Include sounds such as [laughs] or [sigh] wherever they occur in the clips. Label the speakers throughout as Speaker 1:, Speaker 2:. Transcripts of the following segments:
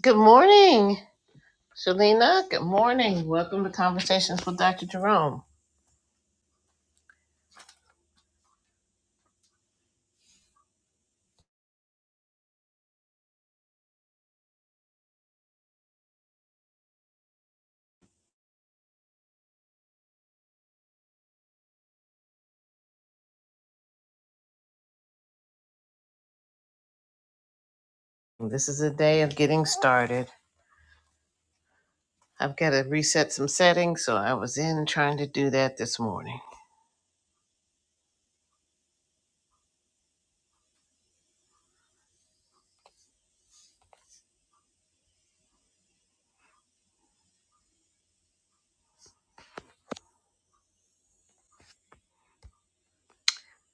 Speaker 1: Good morning, Shalina. Good morning. Welcome to Conversations with Dr. Jerome. This is a day of getting started. I've got to reset some settings, so I was in trying to do that this morning.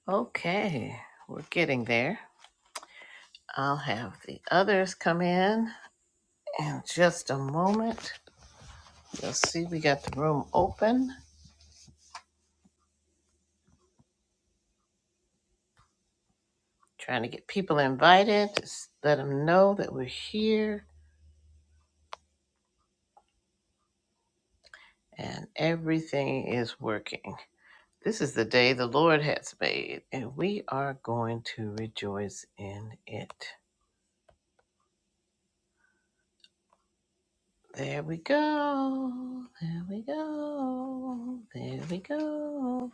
Speaker 1: Okay, we're getting there. I'll have the others come in in just a moment. You'll see we got the room open. Trying to get people invited. Just let them know that we're here and everything is working. This is the day the Lord has made, and we are going to rejoice in it. There we go. There we go. There we go.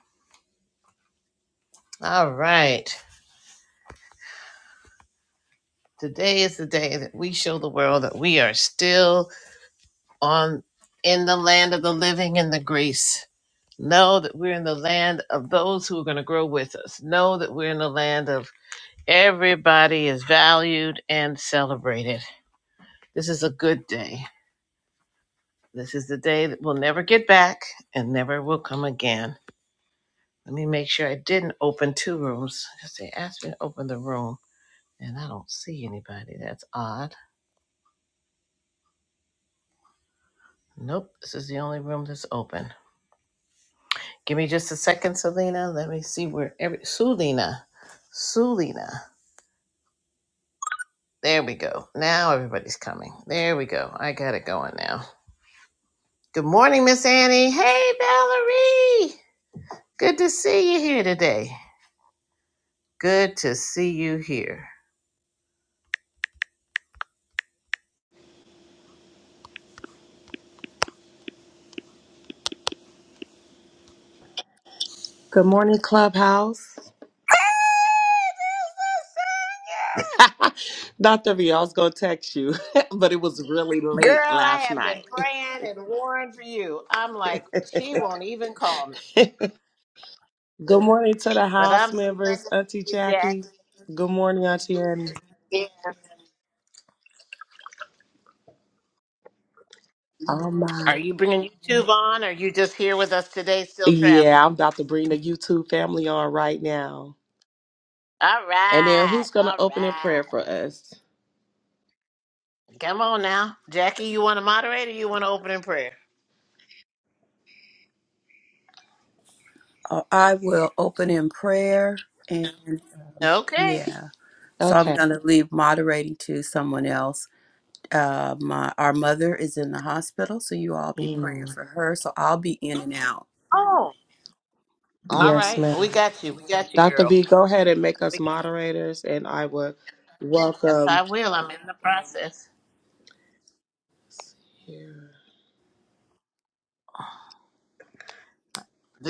Speaker 1: All right. Today is the day that we show the world that we are still on in the land of the living and the grace. Know that we're in the land of those who are going to grow with us. Know that we're in the land of everybody is valued and celebrated. This is a good day. This is the day that we'll never get back and never will come again. Let me make sure I didn't open two rooms because they asked me to open the room and I don't see anybody. That's odd. Nope, this is the only room that's open. Give me just a second, Selena. Let me see where every Sulina. Sulina. There we go. Now everybody's coming. There we go. I got it going now. Good morning, Miss Annie. Hey, Valerie. Good to see you here today. Good to see you here.
Speaker 2: Good morning, Clubhouse. [laughs] Dr. V, I was going to text you, [laughs] but it was really
Speaker 1: Girl,
Speaker 2: late
Speaker 1: I
Speaker 2: last
Speaker 1: have been
Speaker 2: night.
Speaker 1: praying and warring for you. I'm like,
Speaker 2: [laughs]
Speaker 1: she won't even call me.
Speaker 2: Good morning to the
Speaker 1: But
Speaker 2: house
Speaker 1: I'm so glad
Speaker 2: members,
Speaker 1: to see
Speaker 2: Auntie
Speaker 1: you,
Speaker 2: Jackie.
Speaker 1: Jackie.
Speaker 2: Good morning, Auntie Annie.
Speaker 1: Yes.
Speaker 2: Oh, my.
Speaker 1: Are you bringing YouTube on? Or are you just here with us today, still
Speaker 2: Yeah,
Speaker 1: traveling?
Speaker 2: I'm about to bring the YouTube family on right now.
Speaker 1: All
Speaker 2: And then
Speaker 1: right.
Speaker 2: who's going
Speaker 1: All
Speaker 2: to open in prayer for
Speaker 1: right.
Speaker 2: us?
Speaker 1: Come on now. Jackie, you want to moderate or you want to open in prayer?
Speaker 3: Uh, I will open in prayer and
Speaker 1: Okay.
Speaker 3: yeah. So I'm
Speaker 2: Okay.
Speaker 3: going to leave moderating to someone else. Uh, my our mother is in the hospital, so you all be praying
Speaker 2: Mm,
Speaker 3: for her. So I'll be in and out.
Speaker 1: Oh. All
Speaker 2: Yes,
Speaker 1: right. We
Speaker 2: ma'am.
Speaker 1: got you. We got you,
Speaker 2: Dr.
Speaker 1: girl.
Speaker 2: V, go ahead and make us
Speaker 1: We got-
Speaker 2: moderators, and I will
Speaker 1: Yes, I
Speaker 2: welcome.
Speaker 1: will. I'm in the process.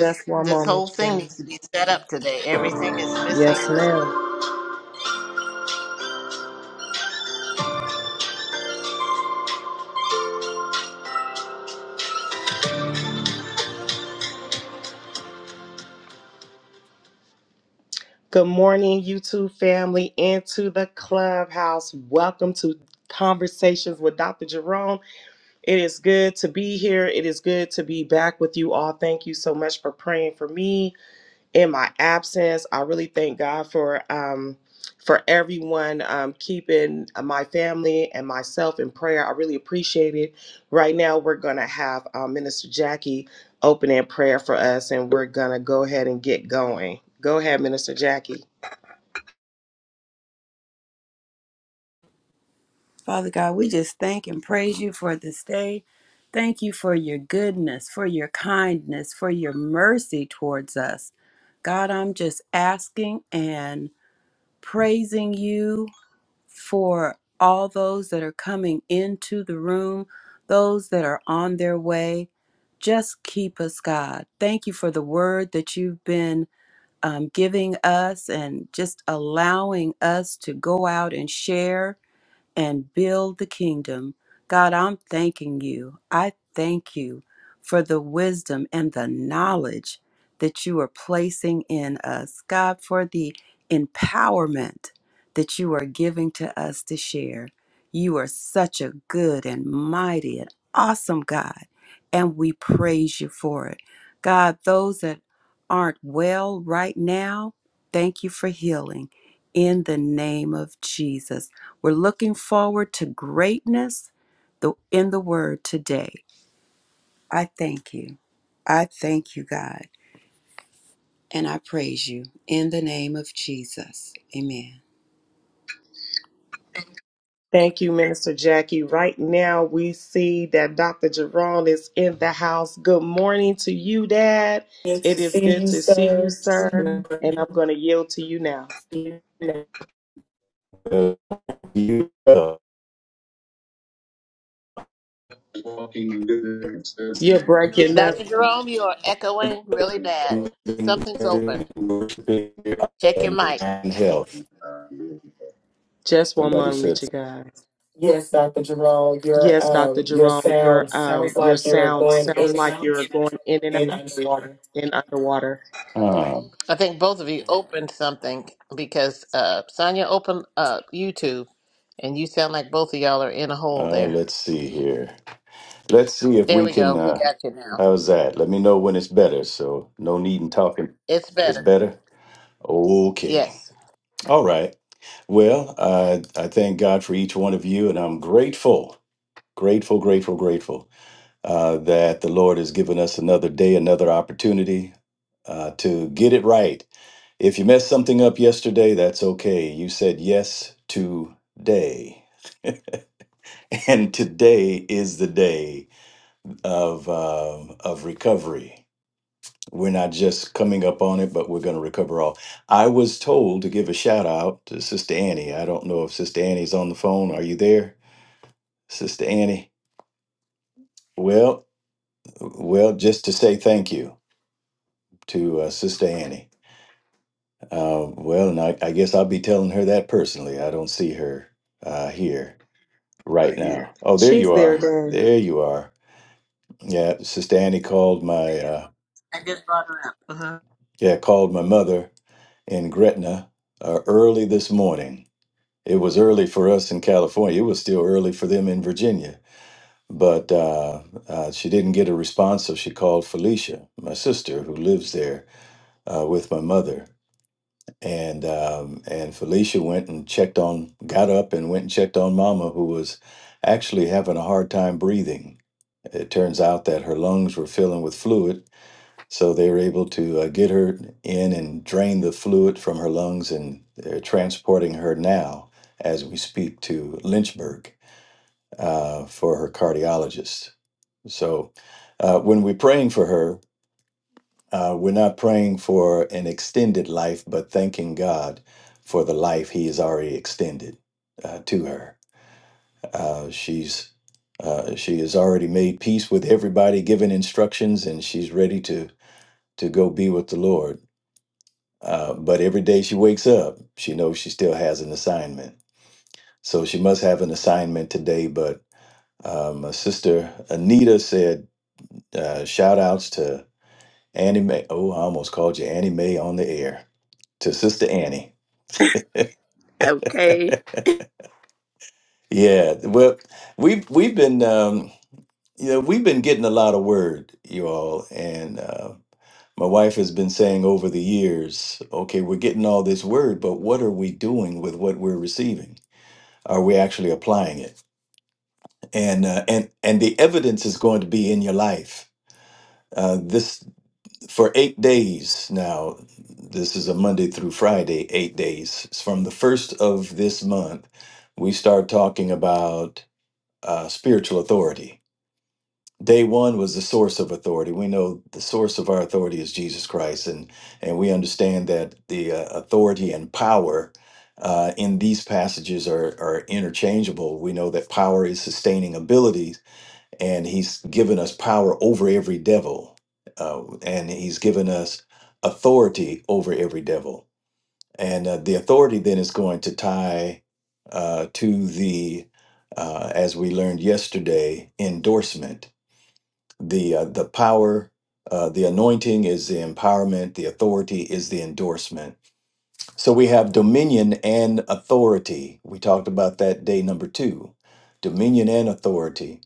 Speaker 2: Just one
Speaker 1: this whole
Speaker 2: moment,
Speaker 1: thing
Speaker 2: Jen.
Speaker 1: needs to be set up today. Everything is missing.
Speaker 2: Yes, ma'am. Good morning, YouTube family, into the clubhouse. Welcome to Conversations with Dr. Jerome. It is good to be here. It is good to be back with you all. Thank you so much for praying for me. in my absence. I really thank God for um, for everyone um, keeping my family and myself in prayer. I really appreciate it. Right now, we're gonna have um, Minister Jackie open in prayer for us, and we're gonna go ahead and get going. Go ahead, Minister Jackie.
Speaker 3: Father God, we just thank and praise you for this day. Thank you for your goodness, for your kindness, for your mercy towards us. God, I'm just asking and praising you for all those that are coming into the room, those that are on their way. Just keep us, God. Thank you for the word that you've been um, giving us and just allowing us to go out and share and build the kingdom. God, I'm thanking you. I thank you for the wisdom and the knowledge that you are placing in us. God, for the empowerment that you are giving to us to share. You are such a good and mighty and awesome God, and we praise you for it. God, those that aren't well right now, thank you for healing in the name of Jesus. We're looking forward to greatness the- in the word today. I thank you. I thank you, God. And I praise you in the name of Jesus. Amen.
Speaker 2: Thank you, Minister Jackie. Right now, we see that Dr. Jerome is in the house. Good morning to you, Dad.
Speaker 4: It
Speaker 2: It is good to
Speaker 4: seems
Speaker 2: see you,
Speaker 4: so.
Speaker 2: sir. And I'm going to yield to you now.
Speaker 4: You are
Speaker 2: walking lyrics of You're breaking up.
Speaker 1: Dr. Jerome, you are echoing really bad. Something's open.
Speaker 4: worshiping
Speaker 1: Check your
Speaker 4: and
Speaker 1: mic.
Speaker 4: and health.
Speaker 2: Just one
Speaker 4: Somebody
Speaker 2: moment, with
Speaker 4: said.
Speaker 2: you guys.
Speaker 4: Yes, Dr. Jerome, your
Speaker 2: Yes, Dr.
Speaker 4: um your
Speaker 2: Jerome, your
Speaker 4: sound
Speaker 2: um
Speaker 4: sounds
Speaker 2: your
Speaker 4: like you're
Speaker 2: sound
Speaker 4: going
Speaker 2: sounds
Speaker 4: in and
Speaker 2: like
Speaker 4: out
Speaker 2: you're going in and out
Speaker 4: and underwater.
Speaker 2: and underwater.
Speaker 4: Um.
Speaker 1: I think both of you opened something because uh, Sonia opened uh, YouTube, and you sound like both of y'all are in a hole
Speaker 4: Oh,
Speaker 1: there.
Speaker 4: let's see here. Let's see if
Speaker 1: There
Speaker 4: we
Speaker 1: we
Speaker 4: can.
Speaker 1: go. We
Speaker 4: uh
Speaker 1: got you now.
Speaker 4: How's that? Let me know when it's better. So no need in talking.
Speaker 1: It's
Speaker 4: It's
Speaker 1: better.
Speaker 4: better. Okay.
Speaker 1: Yes.
Speaker 4: All right. Well, I, I thank God for each one of you, and I'm grateful, grateful, grateful, grateful uh, that the Lord has given us another day, another opportunity uh, to get it right. If you messed something up yesterday, that's okay. You said yes today, [laughs] and today is the day of um of recovery. We're not just coming up on it, but we're going to recover all. I was told to give a shout out to Sister Annie. I don't know if Sister Annie's on the phone. Are you there? Sister Annie. Well, well, just to say thank you to uh, Sister Annie. Uh, well, and I, I guess I'll be telling her that personally. I don't see her uh, here
Speaker 2: I
Speaker 4: right
Speaker 2: hear
Speaker 4: now. Oh, there
Speaker 2: She's
Speaker 4: you
Speaker 2: there right
Speaker 4: are.
Speaker 2: again. now.
Speaker 4: There you are. Yeah, Sister Annie called my uh,
Speaker 1: I just brought her up. Uh-huh.
Speaker 4: yeah called my mother in Gretna uh, early this morning. It was early for us in California. It was still early for them in Virginia. But uh, uh, she didn't get a response, so she called Felicia, my sister, who lives there uh, with my mother, and um, and Felicia went and checked on, got up and went and checked on Mama, who was actually having a hard time breathing. It turns out that her lungs were filling with fluid, so they were able to uh, get her in and drain the fluid from her lungs, and they're transporting her now as we speak to Lynchburg uh, for her cardiologist. So uh, when we're praying for her. Uh, we're not praying for an extended life, but thanking God for the life He has already extended uh, to her. Uh, she's uh, she has already made peace with everybody, given instructions, and she's ready to to go be with the Lord. Uh, but every day she wakes up, she knows she still has an assignment. So she must have an assignment today. But uh, my sister Anita said, uh, "Shout outs to Annie Mae." Oh, I almost called you Annie Mae on the air. to Sister Annie.
Speaker 5: Okay.
Speaker 4: Yeah, well, we've we've been um, you know we've been getting a lot of word, you all, and uh, my wife has been saying over the years, okay, we're getting all this word, but what are we doing with what we're receiving? Are we actually applying it? And uh, and and the evidence is going to be in your life. Uh, this for eight days now. This is a Monday through Friday, eight days. It's from the first of this month, we start talking about uh, spiritual authority. Day one was the source of authority. We know the source of our authority is Jesus Christ, and and we understand that the uh, authority and power uh, in these passages are are interchangeable. We know that power is sustaining abilities, and He's given us power over every devil, uh, and He's given us authority over every devil and uh, the authority then is going to tie uh, to the uh, as we learned yesterday endorsement the uh, the power uh, the anointing is the empowerment the authority is the endorsement so we have dominion and authority we talked about that day number two dominion and authority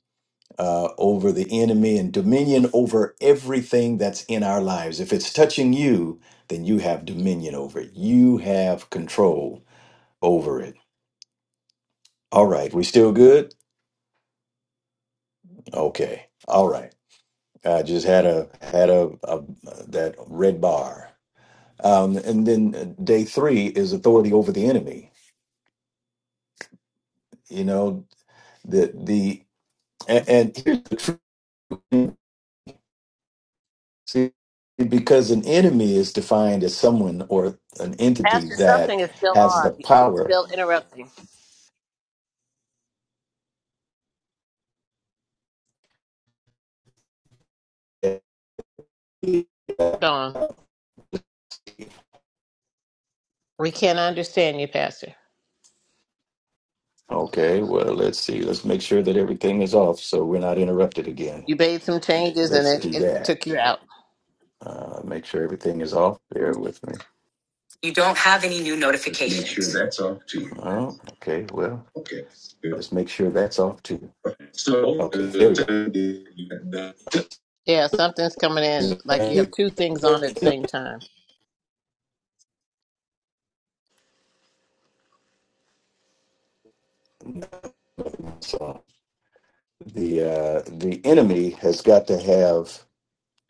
Speaker 4: uh, over the enemy and dominion over everything that's in our lives if it's touching you then you have dominion over it you have control over it. All right, we still good? Okay. All right. I just had a had a, a that red bar. Um, and then uh, day three is authority over the enemy. You know the the and, and here's the truth. See, because an enemy is defined as someone or an entity
Speaker 1: Pastor,
Speaker 4: that
Speaker 1: something is still
Speaker 4: has
Speaker 1: on.
Speaker 4: the
Speaker 1: It's
Speaker 4: power.
Speaker 1: still interrupting. Dawn, we can't understand you, Pastor.
Speaker 4: Okay. Well, let's see. Let's make sure that everything is off so we're not interrupted again.
Speaker 1: You made some changes, and
Speaker 4: Let's do
Speaker 1: it, it
Speaker 4: that.
Speaker 1: took you out.
Speaker 4: Uh, make sure everything is off. Bear with me. You don't have any new
Speaker 2: Let's make sure
Speaker 4: notifications.
Speaker 2: that's off to you.
Speaker 4: Oh, okay. Well,
Speaker 2: Okay. Good.
Speaker 4: let's make sure that's off too.
Speaker 2: So,
Speaker 4: Okay, there we go.
Speaker 2: uh,
Speaker 1: Yeah, something's coming in. Like you have two things on at the same time.
Speaker 4: So, The uh, the enemy has got to have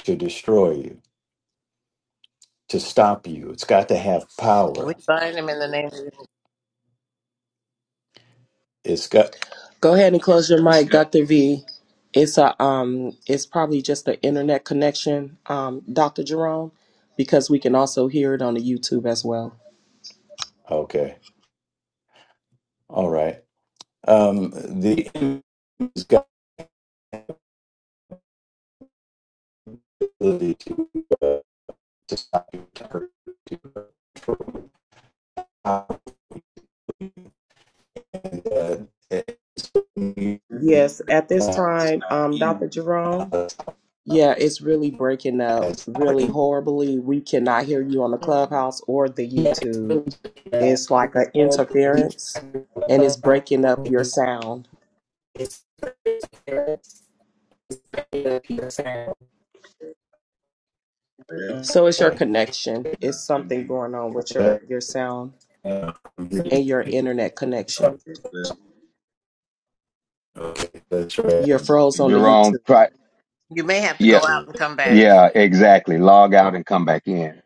Speaker 4: to destroy you, to stop you. It's got to have
Speaker 1: We
Speaker 4: power.
Speaker 1: bind them in the name of the
Speaker 4: It's got
Speaker 2: Go ahead and close your mic, Dr. V. It's a um it's probably just the internet connection, um, Dr. Jerome, because we can also hear it on the YouTube as well.
Speaker 4: okay. All right. Um, the enemy's got the ability to, uh, to stop you, to hurt you, to control you. Uh, as
Speaker 2: Yes, at this time, um, Dr. Jerome. Yeah, it's really breaking up
Speaker 4: our
Speaker 2: really
Speaker 4: Indian
Speaker 2: horribly. We cannot hear you on the clubhouse or the YouTube. It's like an
Speaker 4: uh,
Speaker 2: interference and it's breaking up your sound. So it's your connection. It's something going on with your your sound. and your internet connection.
Speaker 4: okay, that's
Speaker 2: You're
Speaker 4: right.
Speaker 2: froze on the
Speaker 6: Jerome,
Speaker 2: YouTube.
Speaker 6: try.
Speaker 1: You may have to go
Speaker 6: Yeah,
Speaker 1: out and come back.
Speaker 6: yeah, exactly. Log out and come back in.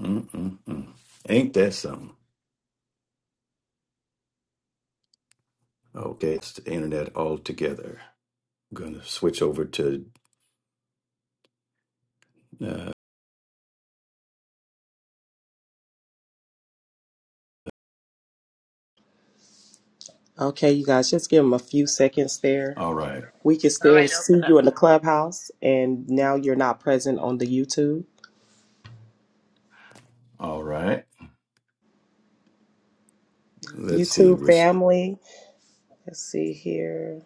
Speaker 4: Mm-mm-mm. Ain't that something? Okay, it's the internet altogether. I'm gonna switch over to. Uh,
Speaker 2: Okay, you guys, just give them a few seconds there.
Speaker 4: all right,
Speaker 2: We can
Speaker 1: All
Speaker 2: still
Speaker 1: right,
Speaker 2: see
Speaker 1: open
Speaker 2: you
Speaker 1: up.
Speaker 2: in the clubhouse, and now you're not present on the YouTube.
Speaker 4: all right. Let's see.
Speaker 2: YouTube
Speaker 4: res-
Speaker 2: family, let's see here.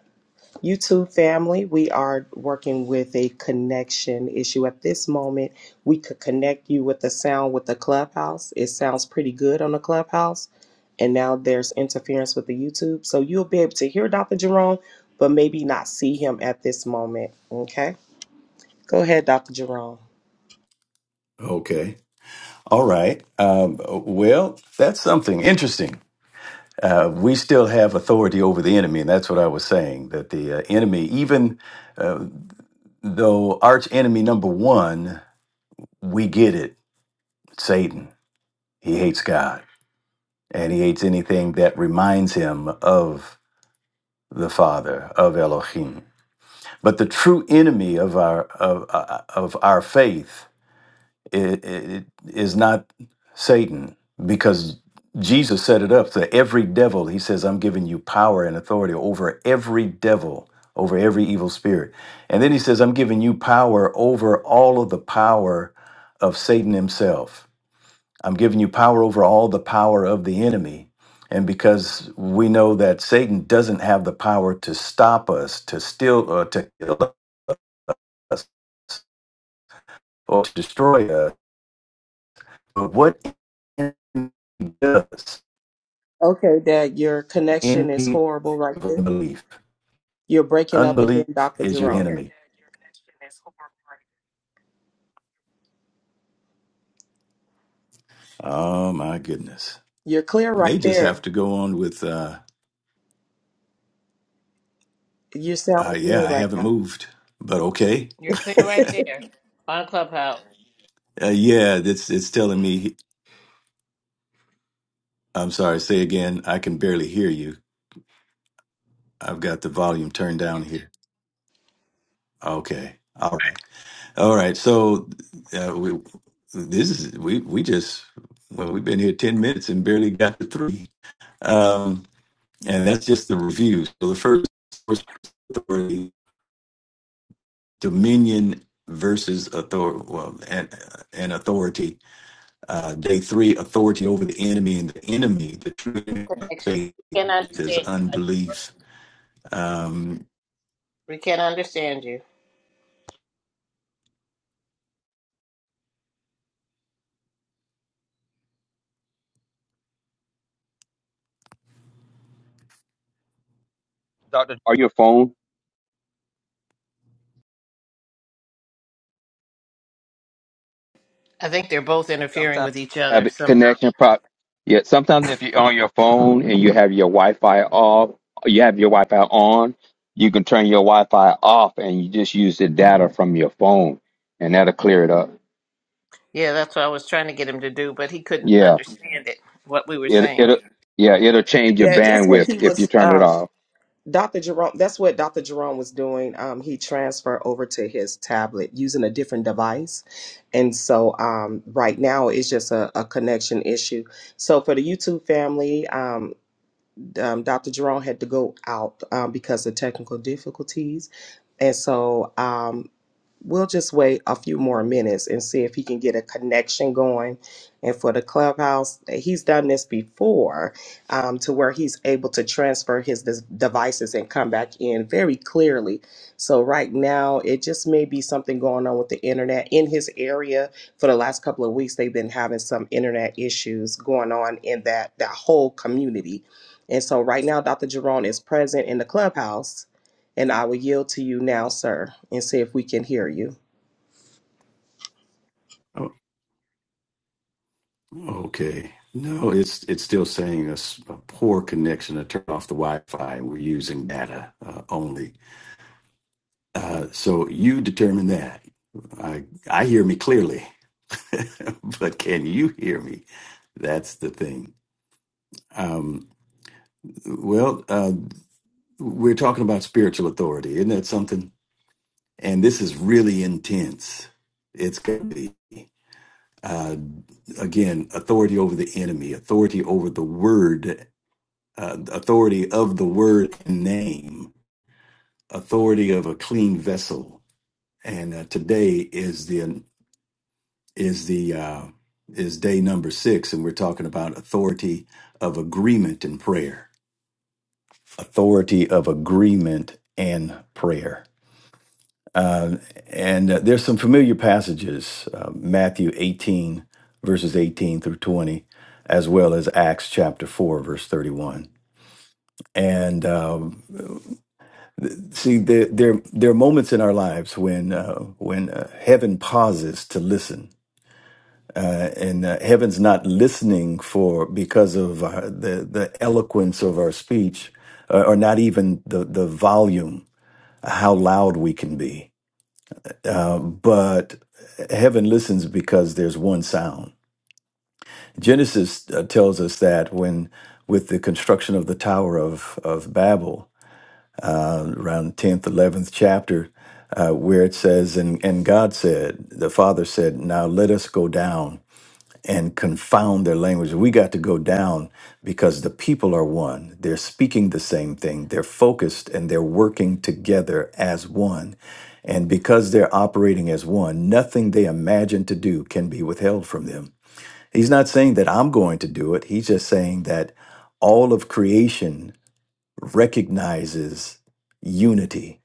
Speaker 2: YouTube family, we are working with a connection issue at this moment. We could connect you with the sound with the clubhouse. It sounds pretty good on the clubhouse, and now there's interference with the YouTube, so you'll be able to hear Dr. Jerome, but maybe not see him at this moment. Okay, go ahead, Dr. Jerome.
Speaker 4: Okay, all right. Um, well, that's something interesting. Uh, we still have authority over the enemy, and that's what I was saying. That the uh, enemy, even uh, though arch enemy number one, we get it, Satan. He hates God and he hates anything that reminds him of the Father, of Elohim. But the true enemy of our of, uh, of our faith it, it is not Satan because Jesus set it up. So every devil, he says, I'm giving you power and authority over every devil, over every evil spirit. And then he says, I'm giving you power over all of the power of Satan himself. I'm giving you power over all the power of the enemy. And because we know that Satan doesn't have the power to stop us, to steal, or to kill us, or to destroy us But what envy does
Speaker 2: Okay, Dad, your connection is
Speaker 4: envy
Speaker 2: horrible right
Speaker 4: of
Speaker 2: there.
Speaker 4: unbelief?
Speaker 2: You're breaking up again,
Speaker 4: Unbelief
Speaker 2: Dr.
Speaker 4: is your
Speaker 2: Jerome.
Speaker 4: enemy. Oh my goodness.
Speaker 2: You're clear right
Speaker 4: May just have
Speaker 2: there.
Speaker 4: to go on with uh,
Speaker 2: You're
Speaker 4: uh
Speaker 2: sounding
Speaker 4: yeah,
Speaker 2: good
Speaker 4: I
Speaker 2: right
Speaker 4: haven't
Speaker 2: now.
Speaker 4: moved. But okay.
Speaker 1: You're clear
Speaker 2: [laughs]
Speaker 1: right there on Clubhouse.
Speaker 4: Uh, yeah, it's it's telling me I'm sorry, say again. I can barely hear you. I've got the volume turned down here. Okay. All right. All right. So uh, we this is we we just well, we've been here 10 minutes and barely got to 3. Um, and that's just the review. So the first source authority, dominion versus authority, well, and, and authority. Uh, day three, authority over the enemy and the enemy. The true enemy of
Speaker 1: Connection.
Speaker 4: faith
Speaker 1: We can't
Speaker 4: is
Speaker 1: understand you. Dr.
Speaker 4: unbelief. Um,
Speaker 1: We can't understand you.
Speaker 6: Or your phone
Speaker 1: I think they're both interfering with each
Speaker 6: have
Speaker 1: other
Speaker 6: a
Speaker 1: somehow.
Speaker 6: connection. Pro- yeah, sometimes if you're on your phone and you have your Wi-Fi off, you have your Wi-Fi on, you can turn your Wi-Fi off and you just use the data from your phone, and that'll clear it up.
Speaker 1: Yeah, that's what I was trying to get him to do, but he couldn't
Speaker 6: Yeah,
Speaker 1: understand it, what we were
Speaker 6: it
Speaker 1: saying.
Speaker 6: it'll yeah it'll change your
Speaker 2: Yeah, that's what
Speaker 6: bandwidth
Speaker 2: he
Speaker 6: if you
Speaker 2: was.
Speaker 6: turn it
Speaker 2: Um,
Speaker 6: off.
Speaker 2: Dr. Jerome, that's what Dr. Jerome was doing. Um, he transferred over to his tablet using a different device. And so um, right now it's just a, a connection issue. So for the YouTube family, um, um, Dr. Jerome had to go out um, because of technical difficulties. And so um, we'll just wait a few more minutes and see if he can get a connection going. And for the clubhouse, he's done this before um, to where he's able to transfer his dis- devices and come back in very clearly. So, right now, it just may be something going on with the internet in his area. For the last couple of weeks, they've been having some internet issues going on in that, that whole community. And so, right now, Dr. Jerome is present in the clubhouse and I will yield to you now, sir, and see if we can hear you.
Speaker 4: oh, okay. No, it's it's still saying us a poor connection to turn off the Wi-Fi. We're using data uh, only. Uh, so you determine that. I I hear me clearly. [laughs] but can you hear me? That's the thing. Um, well, uh, we're talking about spiritual authority, isn't that something? And this is really intense. It's going to be uh, again authority over the enemy, authority over the word, uh, authority of the word and name, authority of a clean vessel. And uh, today is the is the uh, is day number six, and we're talking about authority of agreement and prayer. Authority of agreement and prayer. Uh, and uh, there's some familiar passages, uh, Matthew 18 verses 18 through 20, as well as Acts chapter 4 verse 31. And um, th- see, there, there there are moments in our lives when uh, when uh, heaven pauses to listen uh, and uh, heaven's not listening for because of our, the the eloquence of our speech, uh, or not even the the volume, how loud we can be. Uh, but heaven listens because there's one sound. Genesis uh, tells us that when with the construction of the Tower of of Babel, around tenth eleventh chapter. Uh, where it says, and, and God said, the Father said, Now let us go down and confound their language. We got to go down because the people are one. They're speaking the same thing. They're focused and they're working together as one. And because they're operating as one, nothing they imagine to do can be withheld from them. He's not saying that I'm going to do it. He's just saying that all of creation recognizes unity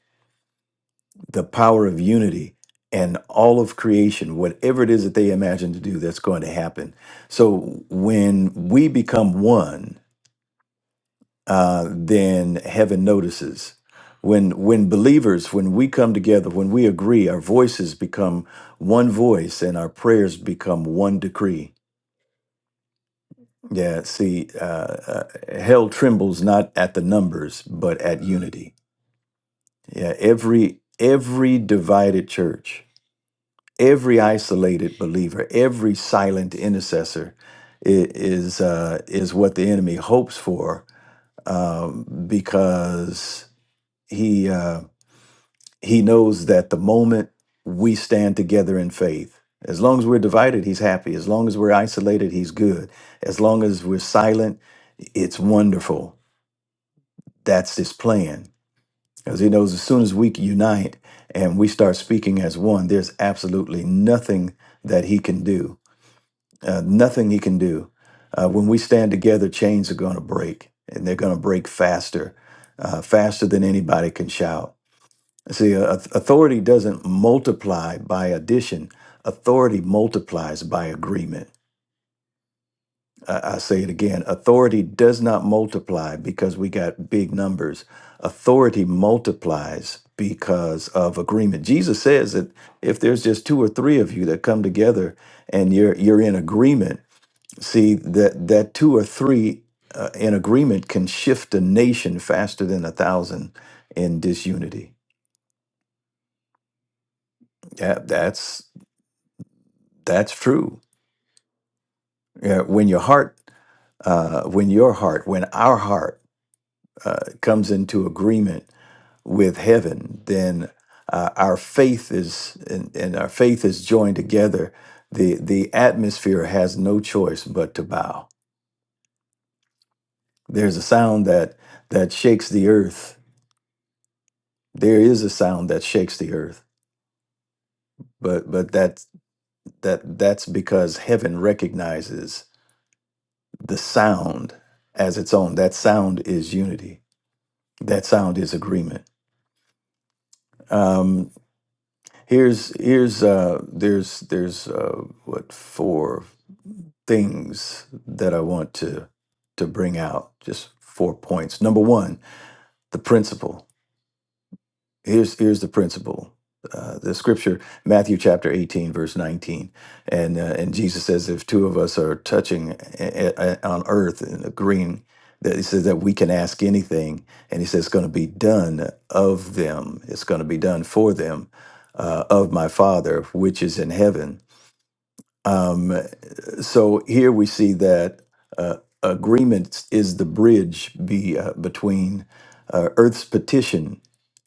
Speaker 4: the power of unity and all of creation, whatever it is that they imagine to do, that's going to happen. So when we become one, uh, then heaven notices. When when believers, when we come together, when we agree, our voices become one voice, and our prayers become one decree. Yeah, see, uh, uh, hell trembles not at the numbers, but at unity. Yeah, every every divided church every isolated believer, every silent intercessor i- is uh, is what the enemy hopes for um, because he uh, he knows that the moment we stand together in faith, as long as we're divided, he's happy. As long as we're isolated, he's good. As long as we're silent, it's wonderful. That's his plan because he knows as soon as we unite and we start speaking as one, there's absolutely nothing that he can do Uh, nothing he can do. Uh, when we stand together, chains are going to break, and they're going to break faster, uh, faster than anybody can shout. See, a- a- authority doesn't multiply by addition, authority multiplies by agreement. I I say it again authority does not multiply because we got big numbers. Authority multiplies because of agreement. Jesus says that if there's just two or three of you that come together and you're, you're in agreement, See that that two or three uh, in agreement can shift a nation faster than a thousand in disunity. Yeah, that's that's true. Yeah, when your heart, uh, when your heart, when our heart uh, comes into agreement with heaven, then uh, our faith is and, and our faith is joined together. the The atmosphere has no choice but to bow. There's a sound that that shakes the earth. There is a sound that shakes the earth but but that's that that's because heaven recognizes the sound as its own that sound is unity that sound is agreement um here's here's uh there's there's uh what four things that i want to to bring out just four points number one the principle here's here's the principle uh, the scripture matthew chapter 18 verse 19 and uh, and jesus says if two of us are touching a- a- on earth and agreeing that he says that we can ask anything and he says it's going to be done of them it's going to be done for them uh, of my father which is in heaven um, so here we see that uh, agreement is the bridge be, uh, between uh, earth's petition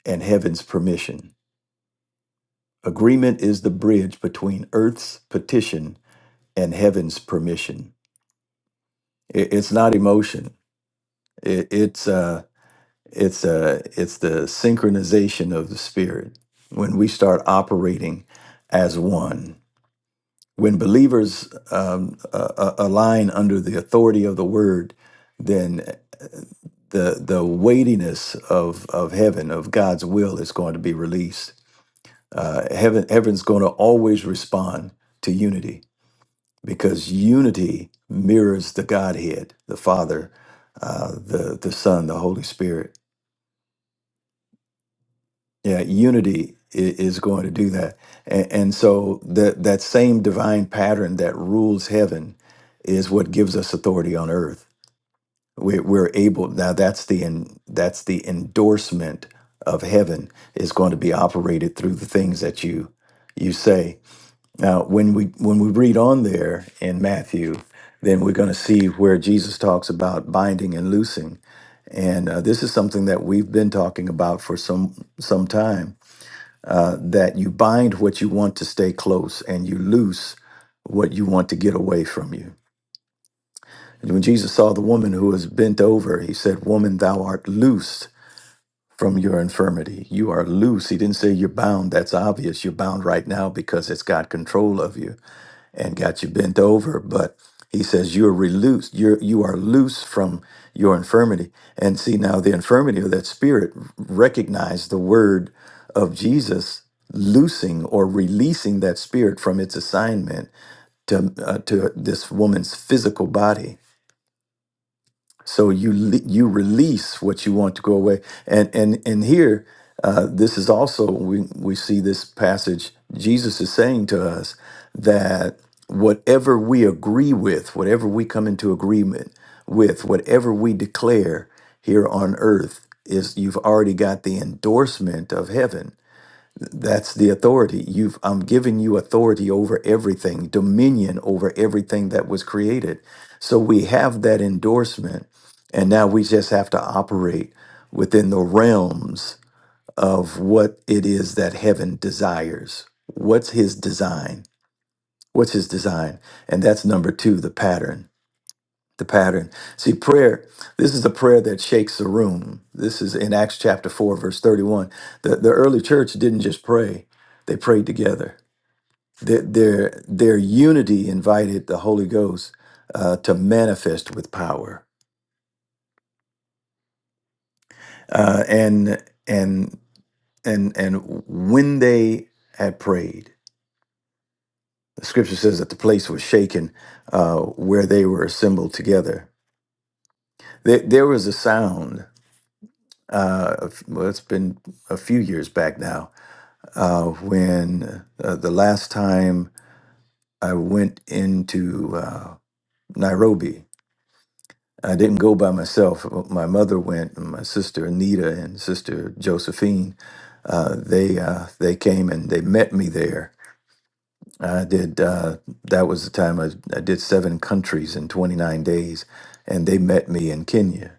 Speaker 4: and heaven's permission. Agreement is the bridge between earth's petition and heaven's permission. I- it's not emotion. I- it's uh, it's uh, it's the synchronization of the spirit when we start operating as one. when believers um, uh, uh, align under the authority of the word, then uh, the the weightiness of of heaven of God's will is going to be released. Uh, heaven heaven's going to always respond to unity because unity mirrors the Godhead, the Father, uh, the the Son, the Holy Spirit Yeah, unity i- is going to do that. And, and so that that same divine pattern that rules heaven is what gives us authority on earth. We're, we're able now. That's the en, that's the endorsement of heaven is going to be operated through the things that you you say. Now, when we when we read on there in Matthew, then we're going to see where Jesus talks about binding and loosing, and uh, this is something that we've been talking about for some some time uh, that you bind what you want to stay close and you loose what you want to get away from you. And when Jesus saw the woman who was bent over, he said, Woman, thou art loosed from your infirmity. You are loose. He didn't say you're bound. That's obvious. You're bound right now because it's got control of you and got you bent over. But he says you are released. You're you are loose from your infirmity. And see now the infirmity of that spirit recognized the word of Jesus loosing or releasing that spirit from its assignment to uh, to this woman's physical body so you le- you release what you want to go away, and and and here, uh, this is also we we see this passage. Jesus is saying to us that whatever we agree with, whatever we come into agreement with, whatever we declare here on earth is you've already got the endorsement of heaven that's the authority. You've I'm giving you authority over everything, dominion over everything that was created. So we have that endorsement, and now we just have to operate within the realms of what it is that heaven desires. What's his design? What's his design? And that's number two, the pattern the pattern. See, prayer, this is a prayer that shakes the room. This is in Acts chapter 4, verse 31. The, the early church didn't just pray, they prayed together. Their, their, their unity invited the Holy Ghost uh, to manifest with power. Uh, and, and, and, and when they had prayed, the scripture says that the place was shaken uh, where they were assembled together. There, there was a sound uh, well, it's been a few years back now, uh, when uh, the last time I went into uh, Nairobi, I didn't go by myself. My mother went, and my sister Anita and sister Josephine. Uh, they uh, they came and they met me there. I did. Uh, that was the time I, I did seven countries in 29 days, and they met me in Kenya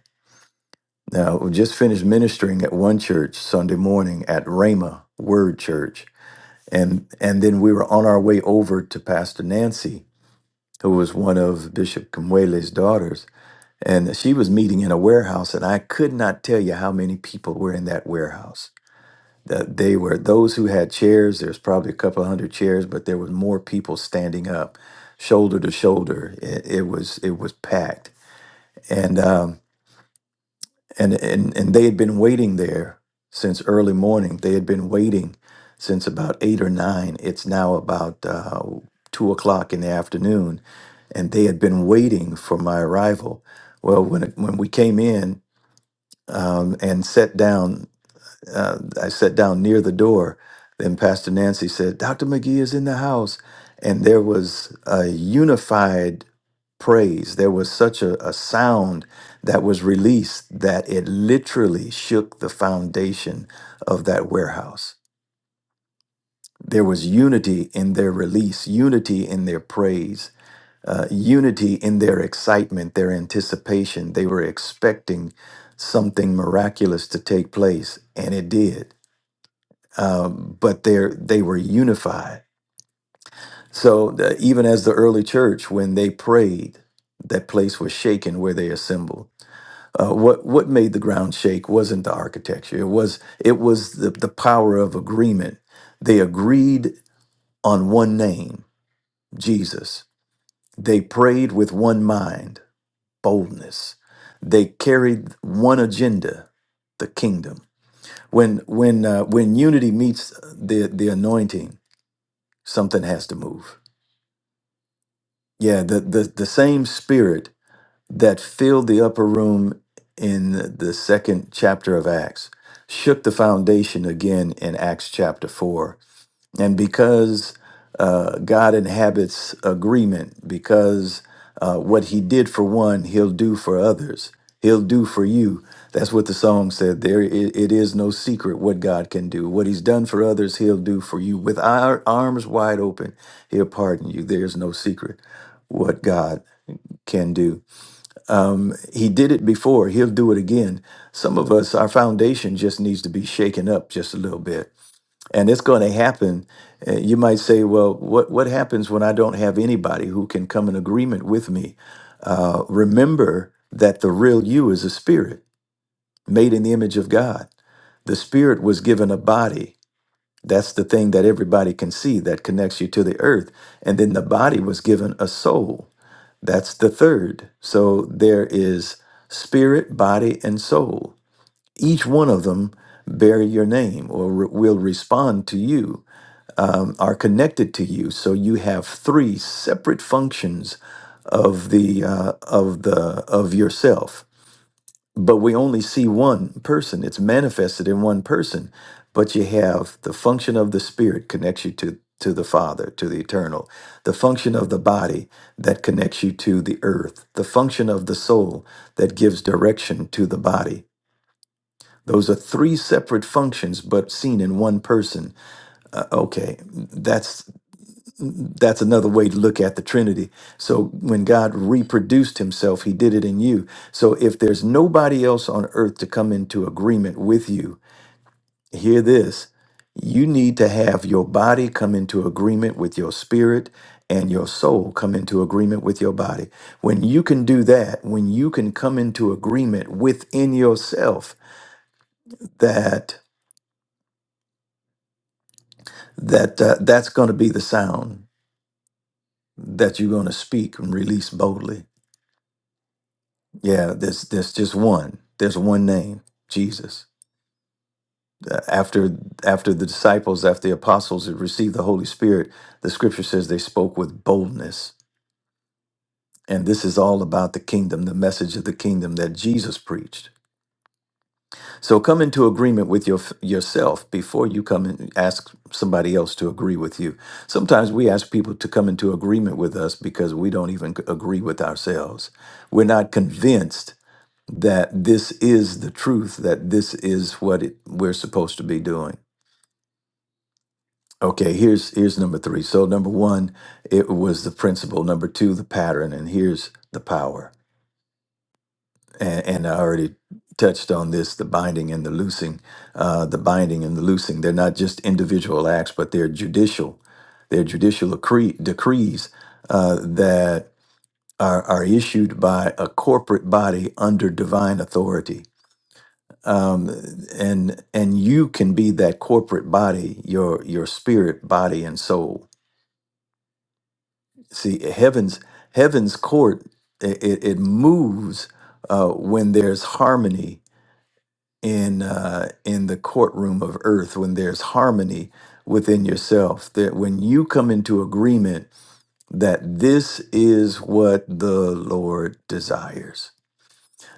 Speaker 4: Now, we just finished ministering at one church Sunday morning at Rhema Word Church. And and then we were on our way over to Pastor Nancy, who was one of Bishop Kumwele's daughters. And she was meeting in a warehouse, and I could not tell you how many people were in that warehouse. That they were those who had chairs, there's probably a couple hundred chairs, but there was more people standing up, shoulder to shoulder. It, it was it was packed. And um and and and they had been waiting there since early morning. They had been waiting since about eight or nine. It's now about uh, two o'clock in the afternoon, and they had been waiting for my arrival. Well, when it, when we came in um, and sat down, uh, I sat down near the door. Then Pastor Nancy said, Dr. McGee is in the house. And there was a unified praise. There was such a, a sound that was released that it literally shook the foundation of that warehouse. There was unity in their release, unity in their praise, uh, unity in their excitement, their anticipation. They were expecting something miraculous to take place, and it did um, but they they were unified. So the, even as the early church, when they prayed, that place was shaken where they assembled. Uh, what what made the ground shake wasn't the architecture. It was it was the, the power of agreement. They agreed on one name, Jesus. They prayed with one mind, boldness. They carried one agenda, the kingdom. When when uh, when unity meets the the anointing, something has to move Yeah, the, the, the same spirit that filled the upper room in the the second chapter of Acts shook the foundation again in Acts chapter 4 and because uh, God inhabits agreement, because uh, what he did for one, he'll do for others, he'll do for you. That's what the song said. There, it it is no secret what God can do. What he's done for others, he'll do for you. With our arms wide open, he'll pardon you. There's no secret what God can do. Um, he did it before, he'll do it again. Some of us, our foundation just needs to be shaken up just a little bit and it's going to happen. Uh, You might say, well, what, what happens when I don't have anybody who can come in agreement with me? Uh, remember that the real you is a spirit made in the image of God. The spirit was given a body. That's the thing that everybody can see that connects you to the earth. And then the body was given a soul. That's the third. So there is spirit, body, and soul. Each one of them bear your name or re- will respond to you um, are connected to you. So you have three separate functions of the uh, of the of yourself, but we only see one person. It's manifested in one person, but you have the function of the spirit connects you to to the Father, to the eternal. The function of the body that connects you to the earth. The function of the soul that gives direction to the body. Those are three separate functions, but seen in one person. Uh, okay, that's that's another way to look at the Trinity. So when God reproduced himself, he did it in you. So if there's nobody else on earth to come into agreement with you, hear this. You need to have your body come into agreement with your spirit and your soul come into agreement with your body. When you can do that, when you can come into agreement within yourself, that that uh, that's going to be the sound that you're going to speak and release boldly. Yeah, there's there's just one. There's one name, Jesus. Uh, After after the disciples, after the apostles had received the Holy Spirit, the scripture says they spoke with boldness. And this is all about the kingdom, the message of the kingdom that Jesus preached. So come into agreement with your yourself before you come and ask somebody else to agree with you. Sometimes we ask people to come into agreement with us because we don't even agree with ourselves. We're not convinced that this is the truth that this is what it, we're supposed to be doing okay here's here's number three so number one it was the principle number two the pattern and here's the power and, and i already touched on this the binding and the loosing uh, the binding and the loosing they're not just individual acts but they're judicial they're judicial decree, decrees uh, that are, are issued by a corporate body under divine authority um, and and you can be that corporate body, your your spirit, body, and soul. See, heaven's heaven's court it, it it moves uh, when there's harmony in uh, in the courtroom of earth. When there's harmony within yourself, that when you come into agreement that this is what the Lord desires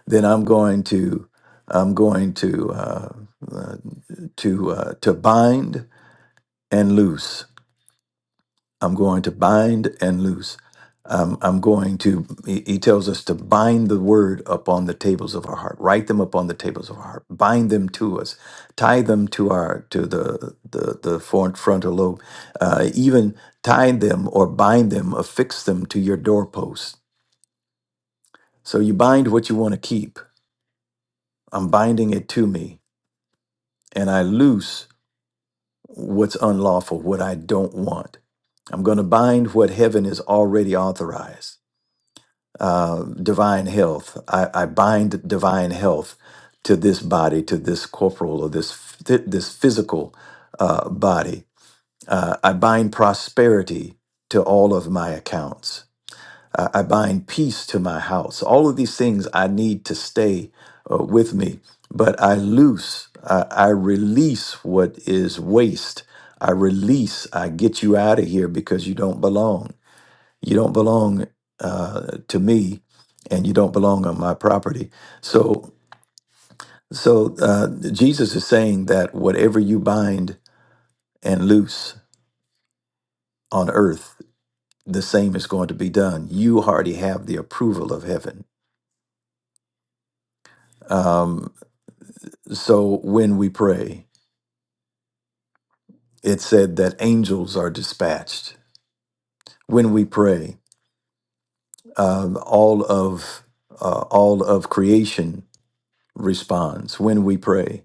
Speaker 4: then I'm going to I'm going to uh, uh, to uh, to bind and loose. I'm going to bind and loose. Um, I'm going to. He he tells us to bind the word upon the tables of our heart. Write them upon the tables of our heart. Bind them to us. Tie them to our to the the the front frontal lobe. Uh, even tie them or bind them, affix them to your doorpost. So you bind what you want to keep. I'm binding it to me, and I loose what's unlawful, what I don't want. I'm going to bind what heaven has already authorized. Uh, divine health. I, I bind divine health to this body, to this corporal or this phy- this physical uh, body. Uh, I bind prosperity to all of my accounts. I I bind peace to my house. All of these things I need to stay uh, with me, but I loose, I, I release what is waste. I release, I get you out of here because you don't belong. You don't belong uh, to me and you don't belong on my property. So, so uh, Jesus is saying that whatever you bind and loose on earth, the same is going to be done. You already have the approval of heaven. Um, So when we pray, it said that angels are dispatched. When we pray, um, all of uh, all of creation responds when we pray,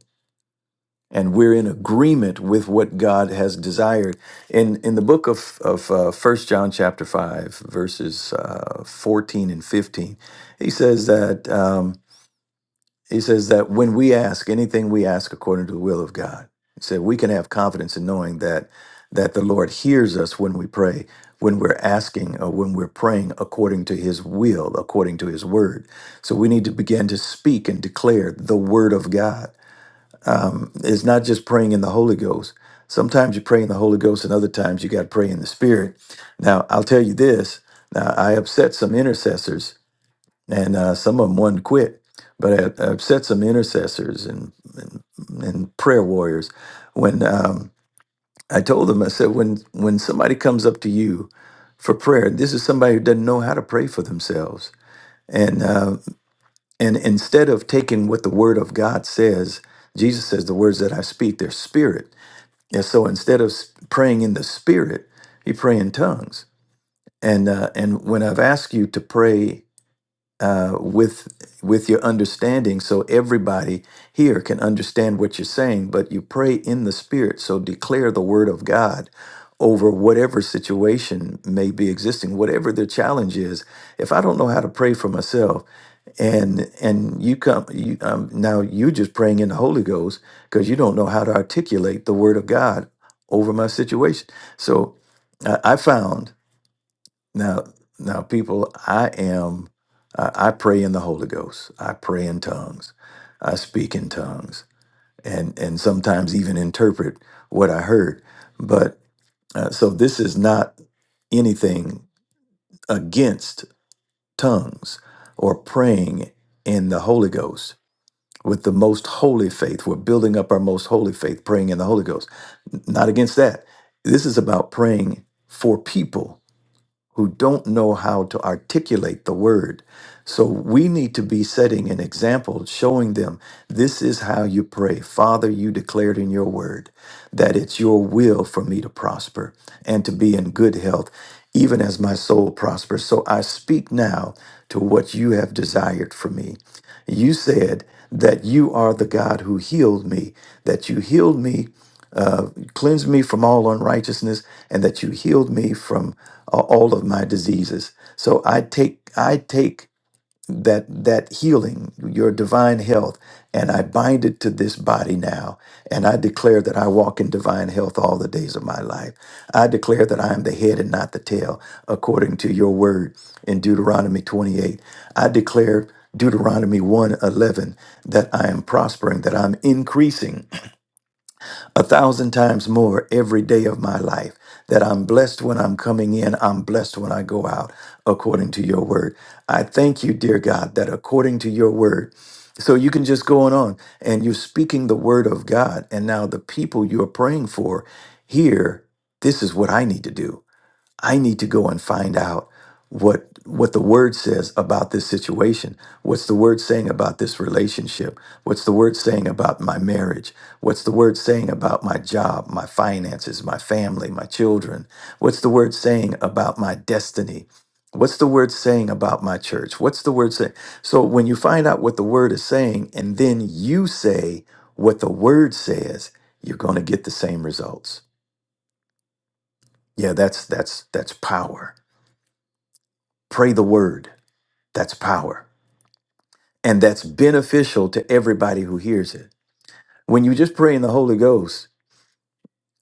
Speaker 4: and we're in agreement with what God has desired. In in the book of of uh, First John chapter five verses uh, fourteen and fifteen, he says that. Um, He says that when we ask anything we ask according to the will of God, he said we can have confidence in knowing that that the Lord hears us when we pray, when we're asking or when we're praying according to his will, according to his word. So we need to begin to speak and declare the word of God. It's not just praying in the Holy Ghost. Sometimes you pray in the Holy Ghost and other times you got to pray in the spirit. Now, I'll tell you this. Now, I upset some intercessors and uh, some of them wouldn't quit. But I, I upset some intercessors and and, and prayer warriors when um, I told them. I said, when when somebody comes up to you for prayer, this is somebody who doesn't know how to pray for themselves. And uh, and instead of taking what the Word of God says, Jesus says, "The words that I speak, they're spirit." And so instead of s- praying in the spirit, you pray in tongues. And uh, and when I've asked you to pray uh, with with your understanding so everybody here can understand what you're saying but you pray in the spirit so declare the word of god over whatever situation may be existing whatever the challenge is if i don't know how to pray for myself and and you come you, um, now you just praying in the holy ghost because you don't know how to articulate the word of god over my situation so I I found now, now, people, I am. I, I pray in the Holy Ghost. I pray in tongues. I speak in tongues, and and sometimes even interpret what I heard. But uh, so this is not anything against tongues or praying in the Holy Ghost with the most holy faith. We're building up our most holy faith, praying in the Holy Ghost. Not against that. This is about praying for people who don't know how to articulate the word. So we need to be setting an example, showing them this is how you pray. Father, you declared in your word that it's your will for me to prosper and to be in good health, even as my soul prospers. So I speak now to what you have desired for me. You said that you are the God who healed me, that you healed me uh, cleanse me from all unrighteousness and that you healed me from uh, all of my diseases so i take i take that that healing your divine health and i bind it to this body now and i declare that i walk in divine health all the days of my life i declare that i am the head and not the tail according to your word in deuteronomy 28 i declare deuteronomy 1 eleven, that i am prospering that i'm increasing a thousand times more every day of my life that I'm blessed when I'm coming in, I'm blessed when I go out, according to your word. I thank you, dear God, that according to your word, so you can just go on on and you're speaking the word of God. And now the people you are praying for here, this is what I need to do. I need to go and find out what what the word says about this situation. What's the word saying about this relationship? What's the word saying about my marriage? What's the word saying about my job, my finances, my family, my children? What's the word saying about my destiny? What's the word saying about my church? What's the word saying? So when you find out what the word is saying and then you say what the word says, you're going to get the same results. Yeah, that's that's that's power Pray the word. That's power. And that's beneficial to everybody who hears it. When you just pray in the Holy Ghost,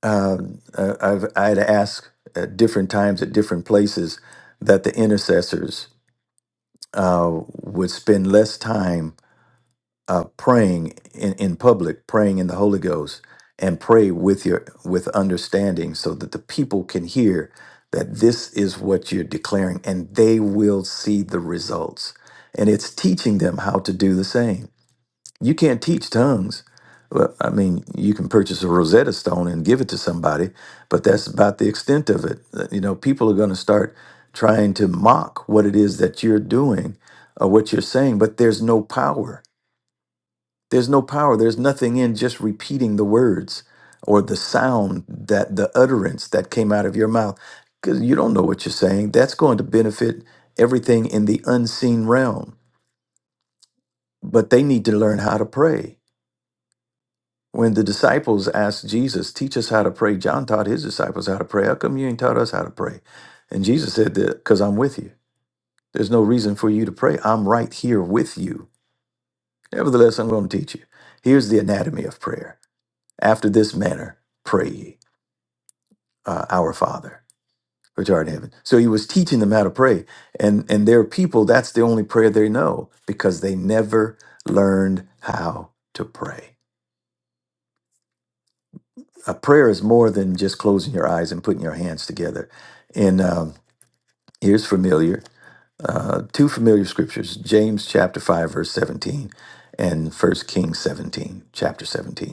Speaker 4: um, uh, I've, I had asked at different times at different places that the intercessors uh, would spend less time uh, praying in, in public, praying in the Holy Ghost, and pray with your with understanding, so that the people can hear that this is what you're declaring, and they will see the results. And it's teaching them how to do the same. You can't teach tongues. Well, I mean, you can purchase a Rosetta Stone and give it to somebody, but that's about the extent of it. Uh, You know, people are going to start trying to mock what it is that you're doing or what you're saying, but there's no power there's no power, there's nothing in just repeating the words or the sound that the utterance that came out of your mouth because you don't know what you're saying. That's going to benefit everything in the unseen realm. But they need to learn how to pray. When the disciples asked Jesus, teach us how to pray, John taught his disciples how to pray. How come you ain't taught us how to pray? And Jesus said, because I'm with you. There's no reason for you to pray. I'm right here with you. Nevertheless, I'm going to teach you. Here's the anatomy of prayer. After this manner, pray ye, uh, our Father, which art in heaven. So he was teaching them how to pray. And, and their people, that's the only prayer they know because they never learned how to pray. A prayer is more than just closing your eyes and putting your hands together. And um, here's familiar uh, two familiar scriptures James chapter 5, verse 17, and First Kings 17, chapter 17.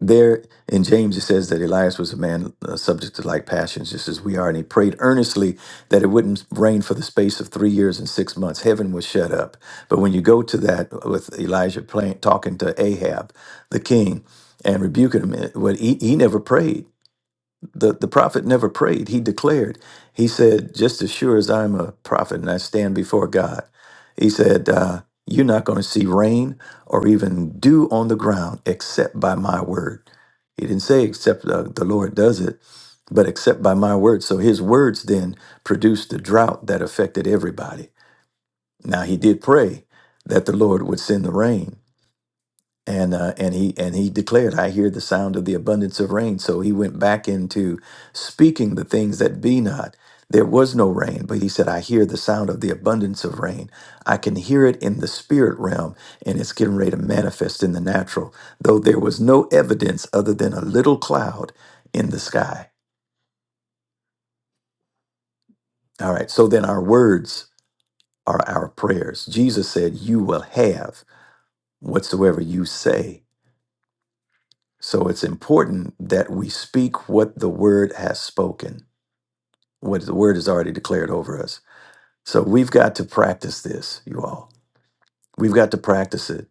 Speaker 4: There in James, it says that Elias was a man uh, subject to like passions, just as we are, and he prayed earnestly that it wouldn't rain for the space of three years and six months. Heaven was shut up. But when you go to that uh, with Elijah playing, talking to Ahab, the king, and rebuking him, eh, what he, he never prayed the, the prophet never prayed. He declared, he said, just as sure as I'm a prophet and I stand before God, he said, uh, you're not going to see rain or even dew on the ground except by my word. He didn't say except uh, the Lord does it, but except by my word. So his words then produced the drought that affected everybody. Now he did pray that the Lord would send the rain, and uh, and he and he declared, "I hear the sound of the abundance of rain." So he went back into speaking the things that be not. There was no rain, but he said, "I hear the sound of the abundance of rain. I can hear it in the spirit realm, and it's getting ready to manifest in the natural." Though there was no evidence other than a little cloud in the sky. All right. So then our words are our prayers. Jesus said, "You will have whatsoever you say." So it's important that we speak what the word has spoken, what the word has already declared over us. So we've got to practice this, you all. We've got to practice it.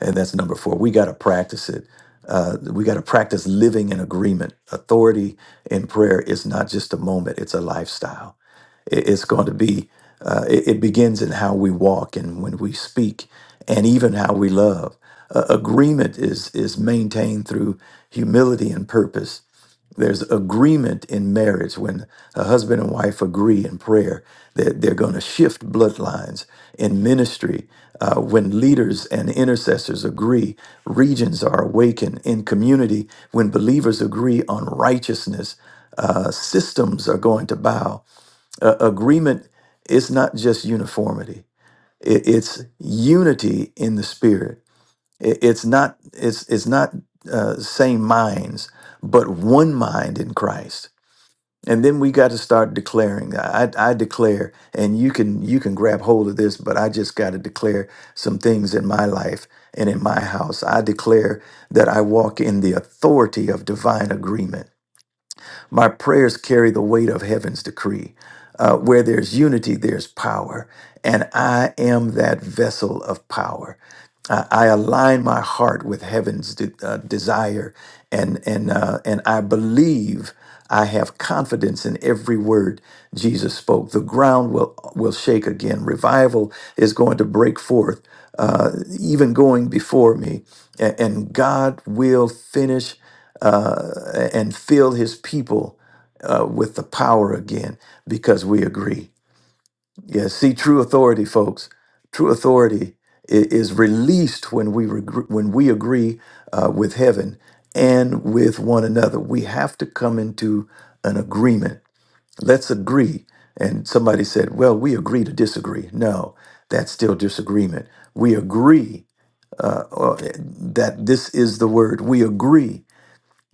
Speaker 4: And that's number four. We got to practice it. Uh, we got to practice living in agreement. Authority in prayer is not just a moment, it's a lifestyle. It- it's going to be, uh, it, it begins in how we walk and when we speak and even how we love. Uh, agreement is, is maintained through humility and purpose. There's agreement in marriage when a husband and wife agree in prayer that they're going to shift bloodlines in ministry uh, when leaders and intercessors agree, regions are awakened in community. When believers agree on righteousness, uh, systems are going to bow. Uh, agreement is not just uniformity; I- it's unity in the spirit. I- it's not it's it's not uh, same minds, but one mind in Christ and then we got to start declaring I, I declare and you can you can grab hold of this but i just got to declare some things in my life and in my house i declare that i walk in the authority of divine agreement my prayers carry the weight of heaven's decree. Uh, where there's unity, there's power. And I am that vessel of power. I, I align my heart with heaven's de- uh, desire, and and uh, and I believe I have confidence in every word Jesus spoke. The ground will will shake again. Revival is going to break forth, uh, even going before me, a- and God will finish uh, and fill his people uh, with the power again because we agree. Yeah, see, true authority, folks, true authority i- is released when we, regr when we agree uh, with heaven and with one another. We have to come into an agreement. Let's agree. And somebody said, well, we agree to disagree. No, that's still disagreement. We agree uh, uh, that this is the word. We agree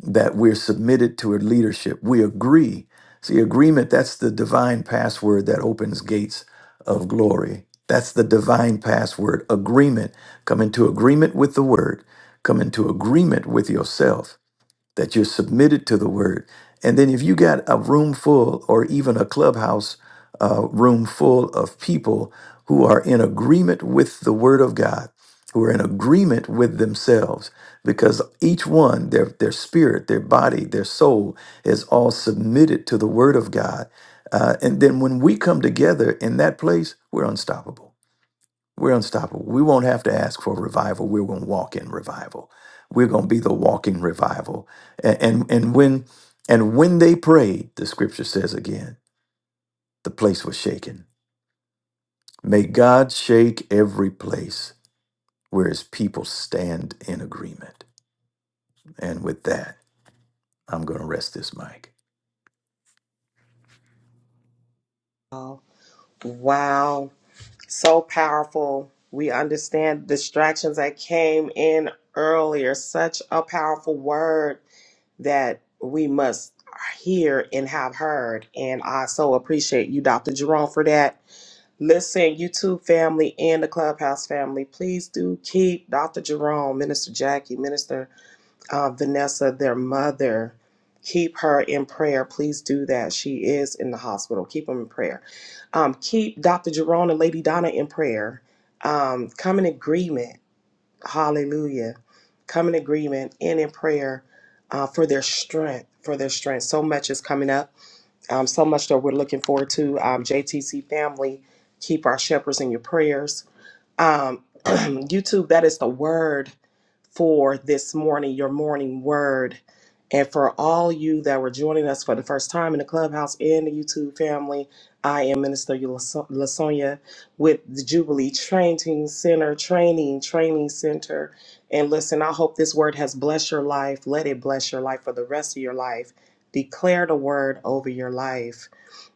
Speaker 4: that we're submitted to her leadership. We agree. See, agreement, that's the divine password that opens gates of glory. That's the divine password. Agreement. Come into agreement with the word. Come into agreement with yourself that you're submitted to the word. And then if you got a room full or even a clubhouse uh, room full of people who are in agreement with the word of God, who are in agreement with themselves, because each one, their, their spirit, their body, their soul is all submitted to the word of God. Uh, and then when we come together in that place, we're unstoppable we're unstoppable. We won't have to ask for revival. We're going to walk in revival. We're going to be the walking revival. And, and and when and when they prayed, the scripture says again, the place was shaken. May God shake every place where his people stand in agreement. And with that, I'm going to rest this mic.
Speaker 2: Oh, wow. So powerful. We understand distractions that came in earlier. Such a powerful word that we must hear and have heard. And I so appreciate you, Dr. Jerome, for that. Listen, YouTube family and the Clubhouse family, please do keep Dr. Jerome, Minister Jackie, Minister uh, Vanessa, their mother, keep her in prayer. Please do that. She is in the hospital. Keep them in prayer. Um, keep Dr. Jerome and Lady Donna in prayer. Um, come in agreement. Hallelujah. Come in agreement and in prayer uh, for their strength. For their strength. So much is coming up. Um, so much that we're looking forward to. Um, JTC family, keep our shepherds in your prayers um, [clears throat] YouTube, that is the word for this morning, your morning word. And for all you that were joining us for the first time in the clubhouse and the YouTube family, I am Minister Laso- Lasonya with the Jubilee Training Center, Training, Training Center. And listen, I hope this word has blessed your life. Let it bless your life for the rest of your life. Declare the word over your life.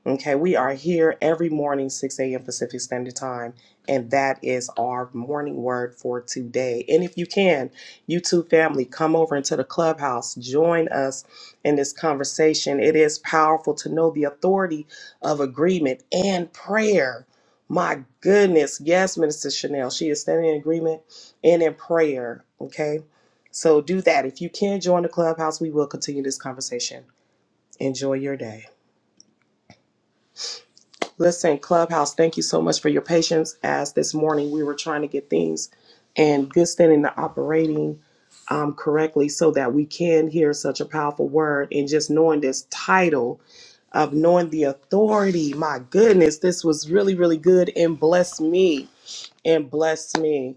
Speaker 2: Okay, we are here every morning, 6 a.m. Pacific Standard Time, and that is our morning word for today. And if you can, YouTube family, come over into the clubhouse, join us in this conversation. It is powerful to know the authority of agreement and prayer. My goodness, yes, Minister Chanel, she is standing in agreement and in prayer. Okay, so do that. If you can join the clubhouse, we will continue this conversation. Enjoy your day. Listen, Clubhouse, thank you so much for your patience. As this morning we were trying to get things and good standing to operating um, correctly so that we can hear such a powerful word and just knowing this title of knowing the authority. My goodness, this was really, really good and blessed me and bless me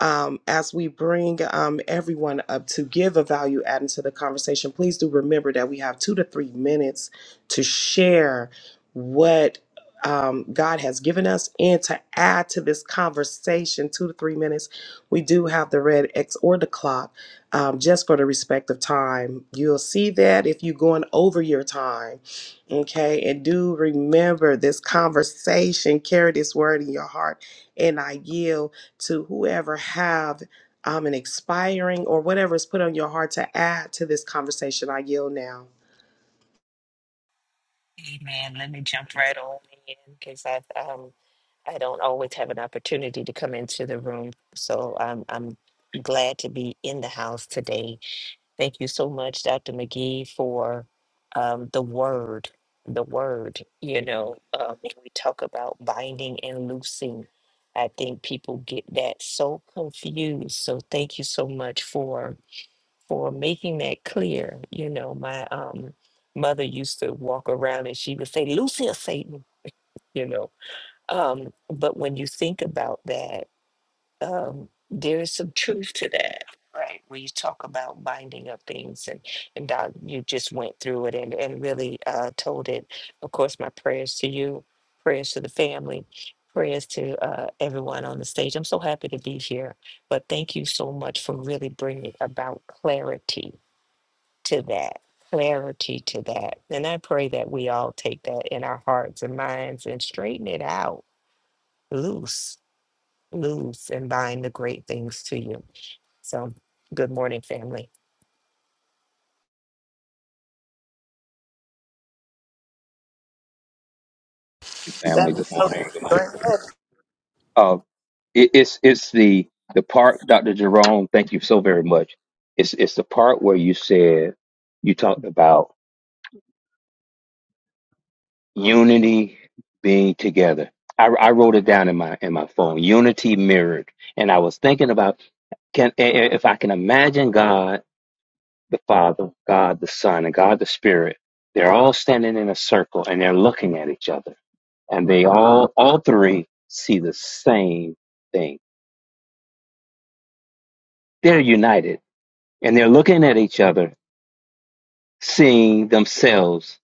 Speaker 2: um, as we bring um, everyone up to give a value add into the conversation. Please do remember that we have two to three minutes to share what um, God has given us and to add to this conversation. Two to three minutes. We do have the red X or the clock um, just for the respect of time. You'll see that if you're going over your time. Okay. And do remember this conversation, carry this word in your heart and I yield to whoever have um, an expiring or whatever is put on your heart to add to this conversation. I yield now.
Speaker 7: Amen. Let me jump right on in because I um I don't always have an opportunity to come into the room, so I'm I'm glad to be in the house today. Thank you so much, Dr. McGee, for um, the word. The word, you know, um, when we talk about binding and loosing. I think people get that so confused. So thank you so much for for making that clear. You know, my um, mother used to walk around and she would say, Lucia Satan, you know. Um, but when you think about that, um, there is some truth to that. Right, where you talk about binding up things, and and Doc, you just went through it and and really uh, told it. Of course, my prayers to you, prayers to the family, prayers to uh, everyone on the stage. I'm so happy to be here, but thank you so much for really bringing about clarity to that, clarity to that. And I pray that we all take that in our hearts and minds and straighten it out, loose, loose, and bind the great things to you. So, good morning, family.
Speaker 6: Family,
Speaker 1: That was
Speaker 6: good
Speaker 1: so
Speaker 6: morning. Good
Speaker 1: good. Go
Speaker 6: morning.
Speaker 1: ahead.
Speaker 6: Uh, it, it's it's the the part, Dr. Jerome. Thank you so very much. It's it's the part where you said you talked about unity being together. I, I wrote it down in my in my phone. Unity mirrored, and I was thinking about can i- i- if I can imagine God the Father, God the Son, and God the Spirit. They're all standing in a circle and they're looking at each other, and they all all three see the same thing. They're united and they're looking at each other seeing themselves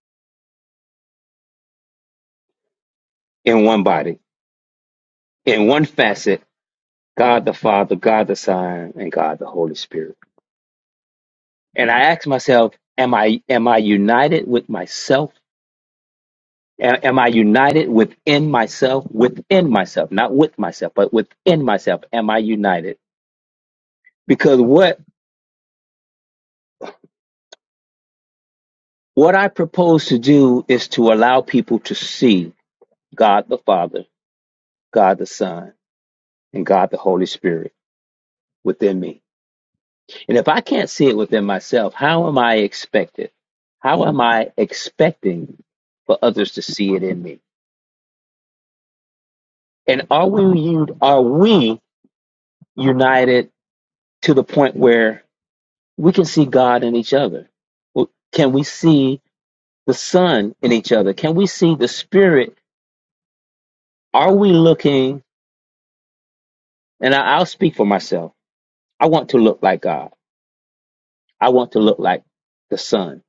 Speaker 6: in one body, in one facet, God the Father, God the Son, and God the Holy Spirit. And I ask myself, am I am I united with myself? A- Am I united within myself? Within myself, not with myself, but within myself. Am I united? Because what what I propose to do is to allow people to see God the Father, God the Son, and God the Holy Spirit within me And if I can't see it within myself, how am I expected? How am I expecting for others to see it in me? And are we are we united to the point where we can see God in each other? Well, Can we see the Son in each other? Can we see the Spirit? Are we looking? And I- I'll speak for myself. I want to look like God. I want to look like the Son.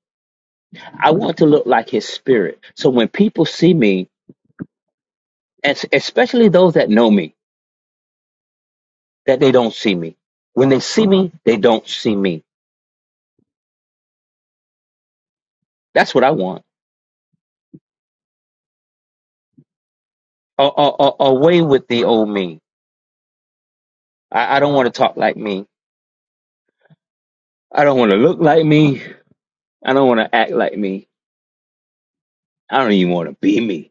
Speaker 6: I want to look like His Spirit. So when people see me, and especially those that know me, that they don't see me. When they see me, they don't see me. That's what I want. A- a- a- away with the old me. I, I don't want to talk like me. I don't want to look like me. I don't want to act like me. I don't even want to be me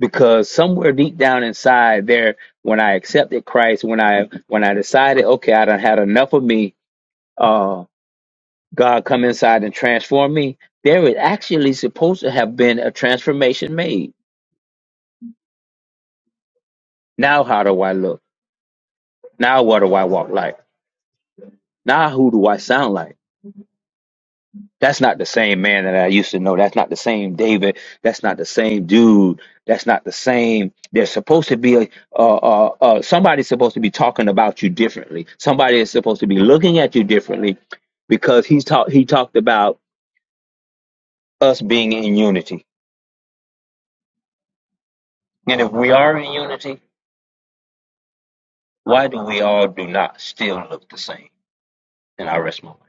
Speaker 6: because somewhere deep down inside there, when I accepted Christ, when I when I decided, okay, I done had enough of me. Uh, God come inside and transform me. There is actually supposed to have been a transformation made. Now, how do I look? Now, what do I walk like? Now who do I sound like? That's not the same man that I used to know. That's not the same David. That's not the same dude. That's not the same. There's supposed to be a uh, uh, uh, somebody's supposed to be talking about you differently. Somebody is supposed to be looking at you differently because he's talked he talked about us being in unity. And if we are in unity, why do we all do not still look the same? And I rest my mind.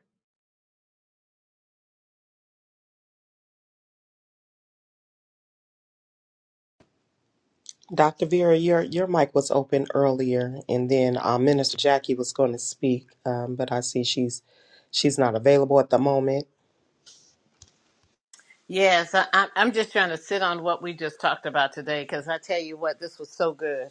Speaker 2: Dr. Vera, your your mic was open earlier, and then uh, Minister Jackie was going to speak, um, but I see she's she's not available at the moment.
Speaker 1: Yes, I, I- I'm just trying to sit on what we just talked about today because I tell you what, this was so good.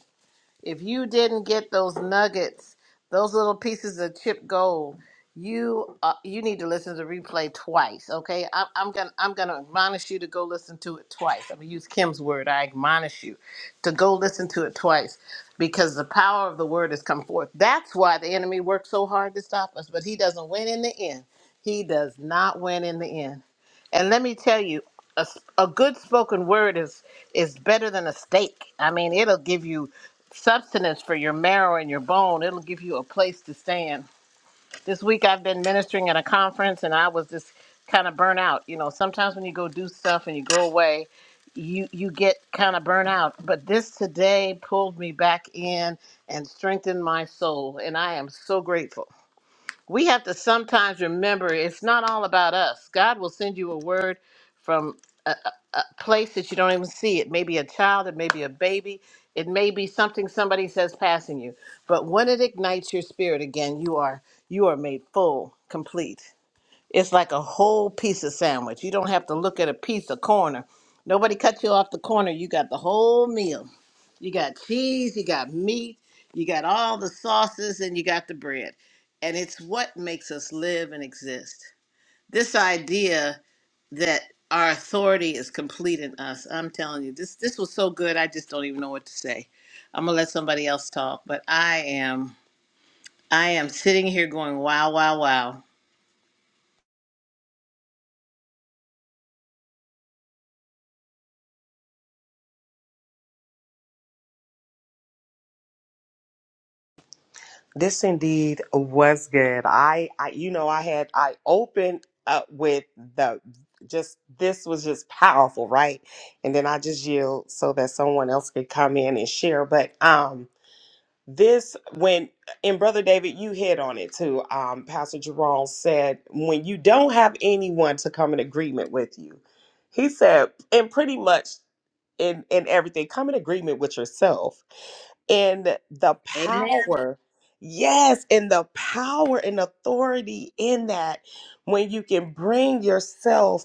Speaker 1: If you didn't get those nuggets, those little pieces of chip gold, you uh, you need to listen to the replay twice. Okay, I'm, I'm gonna I'm gonna admonish you to go listen to it twice. I'm gonna use Kim's word. I admonish you to go listen to it twice because the power of the word has come forth. That's why the enemy worked so hard to stop us, but he doesn't win in the end. He does not win in the end. And let me tell you, a, s- a good spoken word is is better than a steak. I mean, it'll give you substance for your marrow and your bone. It'll give you a place to stand. This week I've been ministering at a conference and I was just kind of burnt out. You know, sometimes when you go do stuff and you go away, you you get kind of burnt out. But this today pulled me back in and strengthened my soul and I am so grateful we have to sometimes remember it's not all about us. God will send you a word from a, a a place that you don't even see. It may be a child, it may be a baby, it may be something somebody says passing you. But when it ignites your spirit again, you are you are made full, complete. It's like a whole piece of sandwich. You don't have to look at a piece of corner. Nobody cut you off the corner. You got the whole meal. You got cheese, you got meat, you got all the sauces, and you got the bread. And it's what makes us live and exist. This idea that our authority is complete in us. I'm telling you, this this was so good. I just don't even know what to say. I'm gonna let somebody else talk, but I am I am sitting here going, wow, wow, wow.
Speaker 2: This indeed was good. I, I you know, I had I opened up with the just this was just powerful, right? And then I just yield so that someone else could come in and share. But um, This when and Brother David, you hit on it too. Um, Pastor Jerome said, when you don't have anyone to come in agreement with you, he said, and pretty much in in everything, come in agreement with yourself. And the
Speaker 1: Amen.
Speaker 2: power, yes, and the power and authority in that when you can bring yourself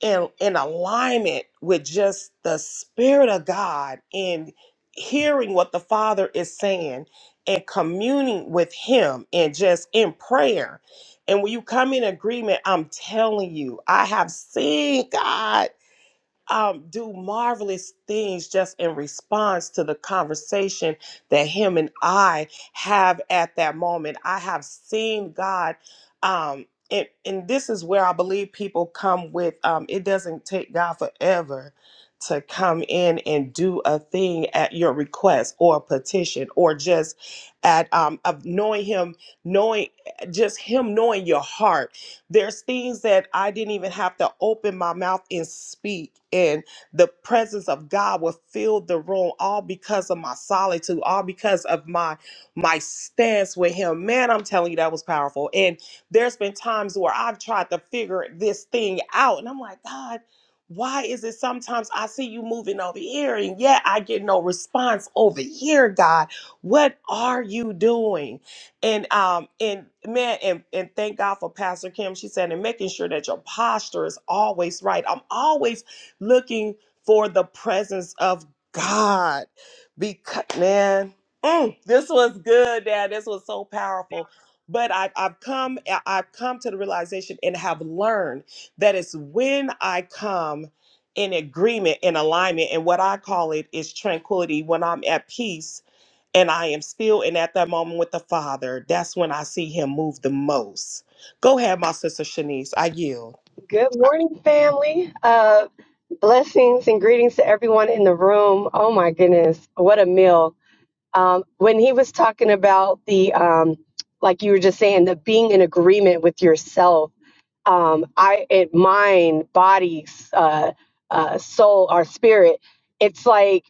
Speaker 2: in in alignment with just the spirit of God and hearing what the Father is saying and communing with him and just in prayer. And when you come in agreement, I'm telling you, I have seen God um, do marvelous things just in response to the conversation that him and I have at that moment. I have seen God. Um, and, and this is where I believe people come with um, it doesn't take God forever to come in and do a thing at your request or petition or just at um, of knowing him knowing just him knowing your heart there's things that I didn't even have to open my mouth and speak, and the presence of God will fill the room all because of my solitude, all because of my my stance with Him. Man, I'm telling you, that was powerful. And there's been times where I've tried to figure this thing out, and I'm like, God, why is it sometimes I see you moving over here and yet I get no response over here, God? What are you doing? and um and man and and thank God for Pastor Kim. She said and making sure that your posture is always right. I'm always looking for the presence of God. Because man, mm, this was good, Dad. This was so powerful. But I've, I've come I- I've come to the realization and have learned that it's when I come in agreement, in alignment, and what I call it is tranquility when I'm at peace and I am still in at that moment with the Father, that's when I see him move the most. Go ahead, my sister Shanice. I yield.
Speaker 8: Good morning, family. Uh, blessings and greetings to everyone in the room. Oh my goodness, what a meal! Um, when he was talking about the, um, like you were just saying, the being in agreement with yourself, um, I it mind, body, uh, uh, soul, our spirit. It's like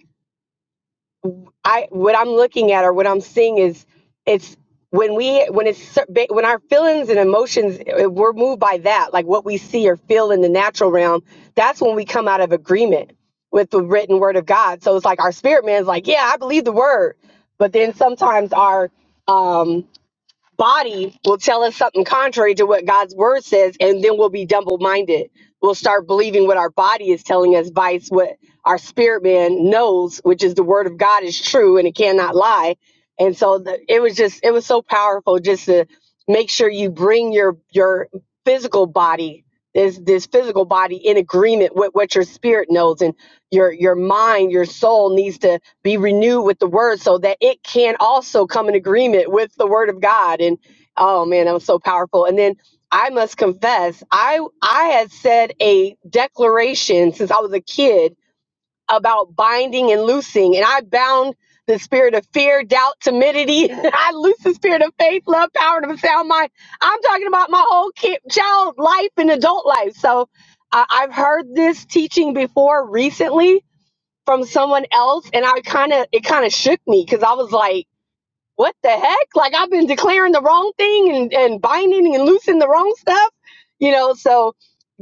Speaker 8: I what I'm looking at or what I'm seeing is it's when we when it's cer- ba- when our feelings and emotions eh, we're moved by that like what we see or feel in the natural realm that's when we come out of agreement with the written word of God so it's like our spirit man's like yeah I believe the word but then sometimes our um body will tell us something contrary to what God's word says, and then we'll be double minded. We'll start believing what our body is telling us, vice what our spirit man knows, which is the word of God is true and it cannot lie. And so the, it was just, it was so powerful just to make sure you bring your your physical body, this this physical body, in agreement with what your spirit knows, and your your mind, your soul needs to be renewed with the word so that it can also come in agreement with the word of God. And oh man, that was so powerful. And then I must confess, I I had said a declaration since I was a kid about binding and loosing, and I bound the spirit of fear, doubt, timidity. [laughs] I loose the spirit of faith, love, power, and of a sound mind. I'm talking about my whole kid, child life and adult life. So I I've heard this teaching before recently, from someone else and I kind of it kind of shook me cuz I was like what the heck like I've been declaring the wrong thing and and binding and loosing the wrong stuff you know so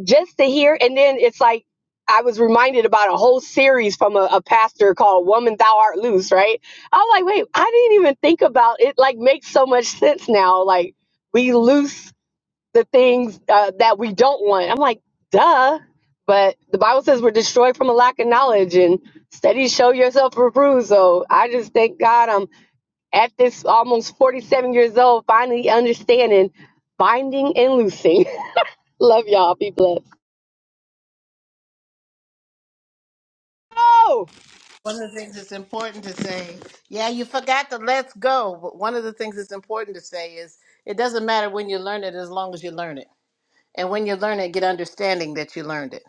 Speaker 8: just to hear and then it's like I was reminded about a whole series from a, a pastor called Woman Thou Art Loose right I was like wait I didn't even think about it like makes so much sense now like we loose the things uh, that we don't want. I'm like, duh. But the Bible says we're destroyed from a lack of knowledge and study to show yourself approved. So I just thank God I'm at this almost 47 years old, finally understanding binding and loosing. [laughs] Love y'all. Be blessed. Oh!
Speaker 1: One of the things that's important to say, yeah, you forgot the let's go, but one of the things that's important to say is it doesn't matter when you learn it as long as you learn it. And when you learn it, get understanding that you learned it.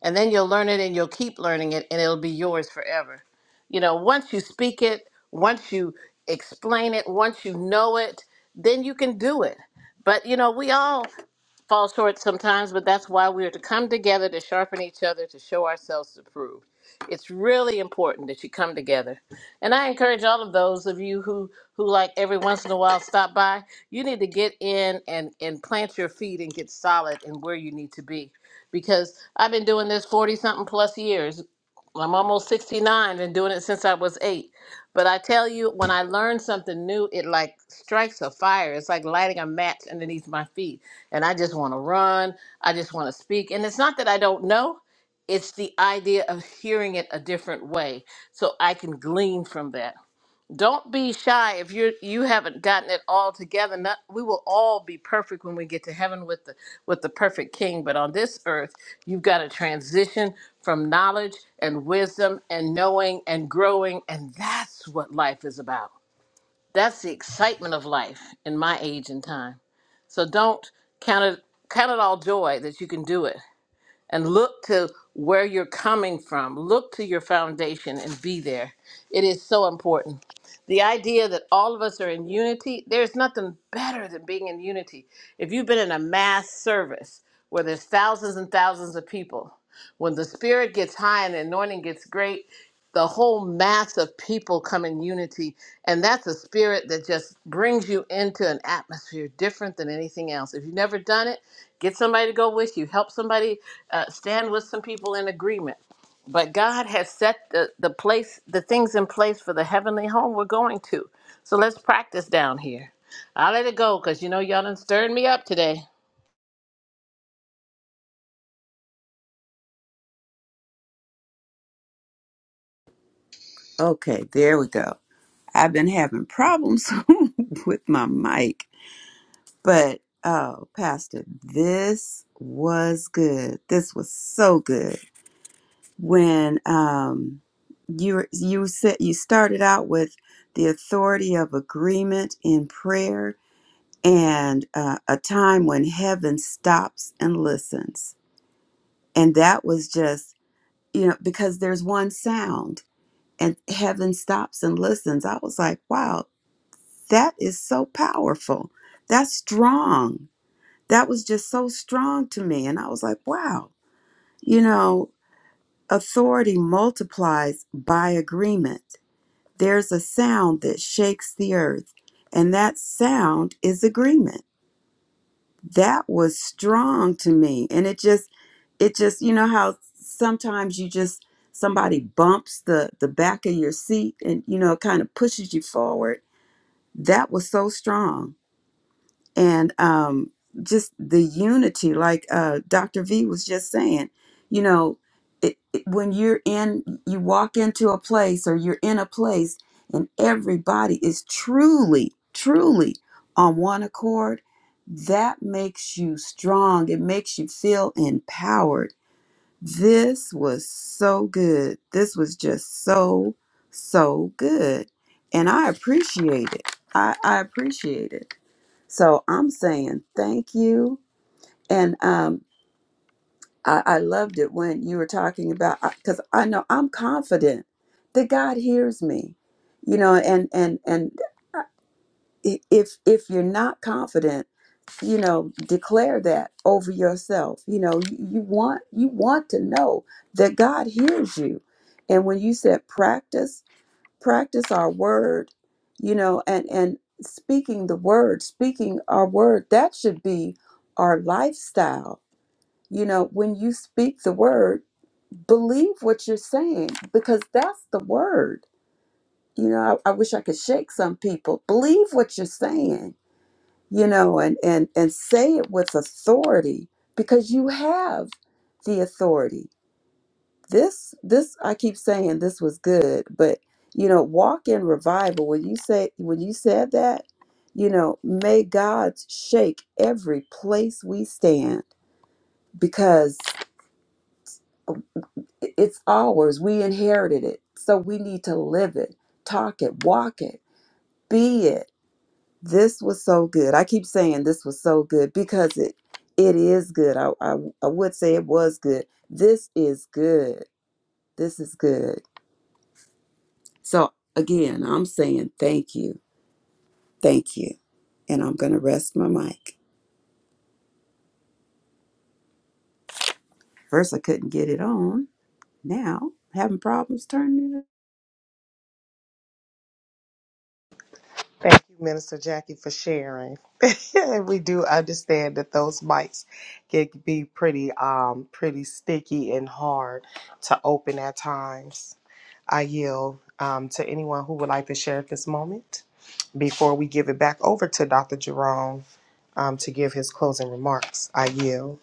Speaker 1: And then you'll learn it and you'll keep learning it and it'll be yours forever. You know, once you speak it, once you explain it, once you know it, then you can do it. But you know, we all fall short sometimes, but that's why we are to come together to sharpen each other to show ourselves approved. It's really important that you come together. And I encourage all of those of you who who like every once in a while stop by, you need to get in and and plant your feet and get solid in where you need to be. Because I've been doing this 40 something plus years. I'm almost 69 and doing it since I was 8. But I tell you when I learn something new, it like strikes a fire. It's like lighting a match underneath my feet and I just want to run. I just want to speak. And it's not that I don't know, it's the idea of hearing it a different way so I can glean from that. Don't be shy if you you haven't gotten it all together. Not, we will all be perfect when we get to heaven with the with the perfect king, but on this earth, you've got to transition from knowledge and wisdom and knowing and growing and that's what life is about. That's the excitement of life in my age and time. So don't count it count it all joy that you can do it and look to where you're coming from. Look to your foundation and be there. It is so important. The idea that all of us are in unity, there's nothing better than being in unity. If you've been in a mass service where there's thousands and thousands of people, when the spirit gets high and the anointing gets great, the whole mass of people come in unity. And that's a spirit that just brings you into an atmosphere different than anything else. If you've never done it, Get somebody to go with you. Help somebody uh, stand with some people in agreement. But God has set the, the place, the things in place for the heavenly home we're going to. So let's practice down here. I will let it go because you know y'all done stirred me up today.
Speaker 3: Okay, there we go. I've been having problems [laughs] with my mic, but oh, Pastor, this was good. This was so good. When um, you were- you said you started out with the authority of agreement in prayer, and uh, a time when heaven stops and listens. And that was just, you know, because there's one sound and heaven stops and listens. I was like, wow, that is so powerful. That's strong. That was just so strong to me. And I was like, wow, you know, authority multiplies by agreement. There's a sound that shakes the earth, and that sound is agreement. that was strong to me and it just it just you know how sometimes you just somebody bumps the the back of your seat and you know kind of pushes you forward that was so strong and um, just the unity, like uh, Dr. V was just saying, you know, it, it- when you're in, you walk into a place or you're in a place and everybody is truly, truly on one accord, that makes you strong. It makes you feel empowered. This was so good. This was just so, so good. And I appreciate it. I, I appreciate it. So I'm saying thank you. And um, I, I loved it when you were talking about because I know I'm confident that God hears me. You know, and and and uh, I- if if you're not confident, you know, declare that over yourself. You know, you, you want you want to know that God hears you. And when you said practice practice our word you know and and speaking the word speaking our word that should be our lifestyle you know when you speak the word believe what you're saying because that's the word you know i, I wish i could shake some people believe what you're saying you know and and and say it with authority because you have the authority this this i keep saying this was good but you know walk in revival when you say when you said that you know may god shake every place we stand because i- it's ours we inherited it so we need to live it talk it walk it be it this was so good i keep saying this was so good because it it is good i i, I would say it was good this is good this is good So again, I'm saying thank you, thank you. And I'm going to rest my mic. First, I couldn't get it on. Now, having problems turning it
Speaker 2: Thank you, Minister Jackie, for sharing. [laughs] And we do understand that those mics can be pretty, um, pretty sticky and hard to open at times. I yield um, to anyone who would like to share at this moment before we give it back over to Dr. Jerome um, to give his closing remarks. I yield.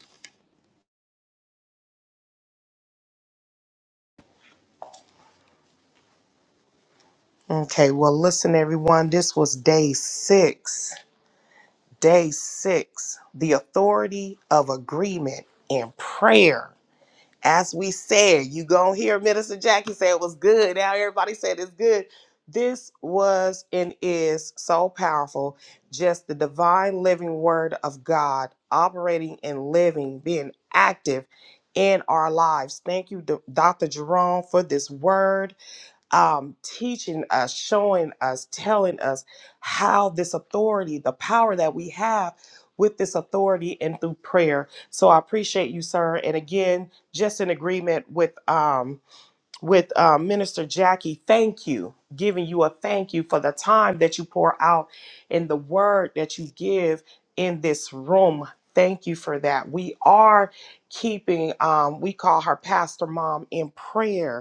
Speaker 2: Okay, well, listen, everyone. This was day six. Day six, the authority of agreement and prayer. As we said, you gonna hear Minister Jackie say it was good. Now everybody said it's good. This was and is so powerful. Just the divine living word of God operating and living, being active in our lives. Thank you, Do- Dr. Jerome, for this word um, teaching us, showing us, telling us how this authority, the power that we have with this authority and through prayer. So I appreciate you, sir. And again, just in agreement with um, with uh, Minister Jackie, thank you, giving you a thank you for the time that you pour out and the word that you give in this room. Thank you for that. We are keeping, um, we call her Pastor Mom in prayer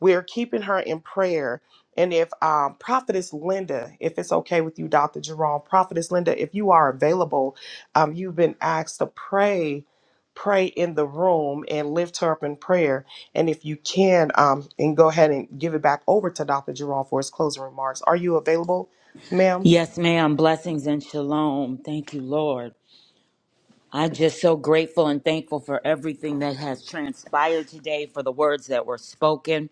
Speaker 2: we're keeping her in prayer. And if um, Prophetess Linda, if it's okay with you, Dr. Jerome, Prophetess Linda, if you are available, um, you've been asked to pray, pray in the room and lift her up in prayer. And if you can, um, and go ahead and give it back over to Dr. Jerome for his closing remarks. Are you available, ma'am?
Speaker 9: Yes, ma'am. Blessings and shalom. Thank you, Lord. I'm just so grateful and thankful for everything that has transpired today, for the words that were spoken.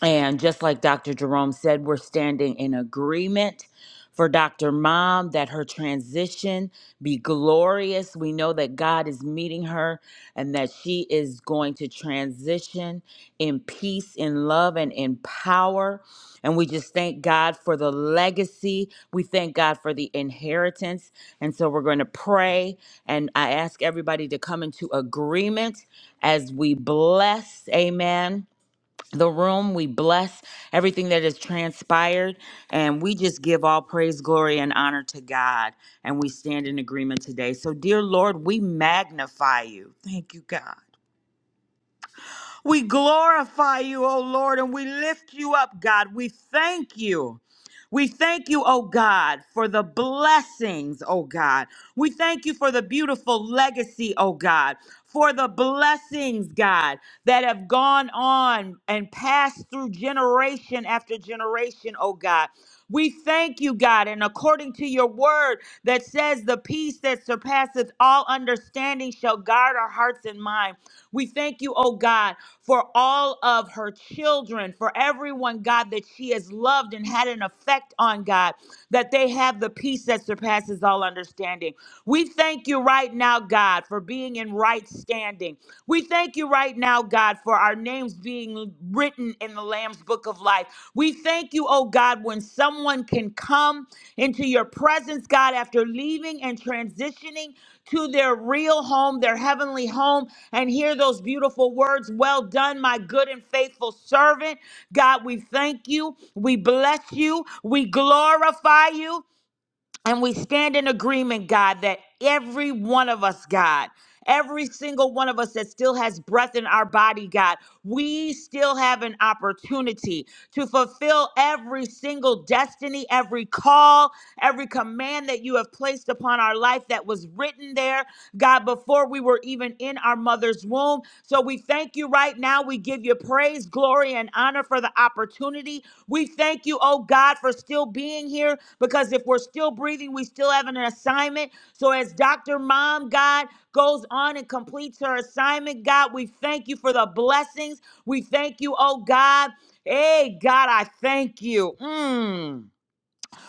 Speaker 9: And just like Dr. Jerome said, we're standing in agreement for Dr. Mom that her transition be glorious. We know that God is meeting her and that she is going to transition in peace, in love, and in power. And we just thank God for the legacy. We thank God for the inheritance. And so we're going to pray. And I ask everybody to come into agreement as we bless, amen, the room. We bless everything that has transpired. And we just give all praise, glory, and honor to God. And we stand in agreement today. So, dear Lord, we magnify you. Thank you, God. We glorify you, O Lord, and we lift you up, God. We thank you. We thank you, oh God, for the blessings, oh God. We thank you for the beautiful legacy, oh God, for the blessings, God, that have gone on and passed through generation after generation, oh God. We thank you, God, and according to your word that says, the peace that surpasses all understanding shall guard our hearts and mind. We thank you, oh God, for all of her children, for everyone, God, that she has loved and had an effect on, God, that they have the peace that surpasses all understanding. We thank you right now, God, for being in right standing. We thank you right now, God, for our names being written in the Lamb's book of life. We thank you, oh God, when someone can come into your presence, God, after leaving and transitioning to their real home, their heavenly home, and hear those beautiful words Well done, my good and faithful servant. God, we thank you. We bless you. We glorify you. And we stand in agreement, God, that every one of us, God, every single one of us that still has breath in our body, God, we still have an opportunity to fulfill every single destiny, every call, every command that you have placed upon our life that was written there, God, before we were even in our mother's womb. So we thank you right now. We give you praise, glory, and honor for the opportunity we thank you, oh God, for still being here because if we're still breathing, we still have an assignment. So as Dr. Mom, God, goes on and completes her assignment, God, we thank you for the blessings. We thank you, oh God. Hey, God, I thank you. Mm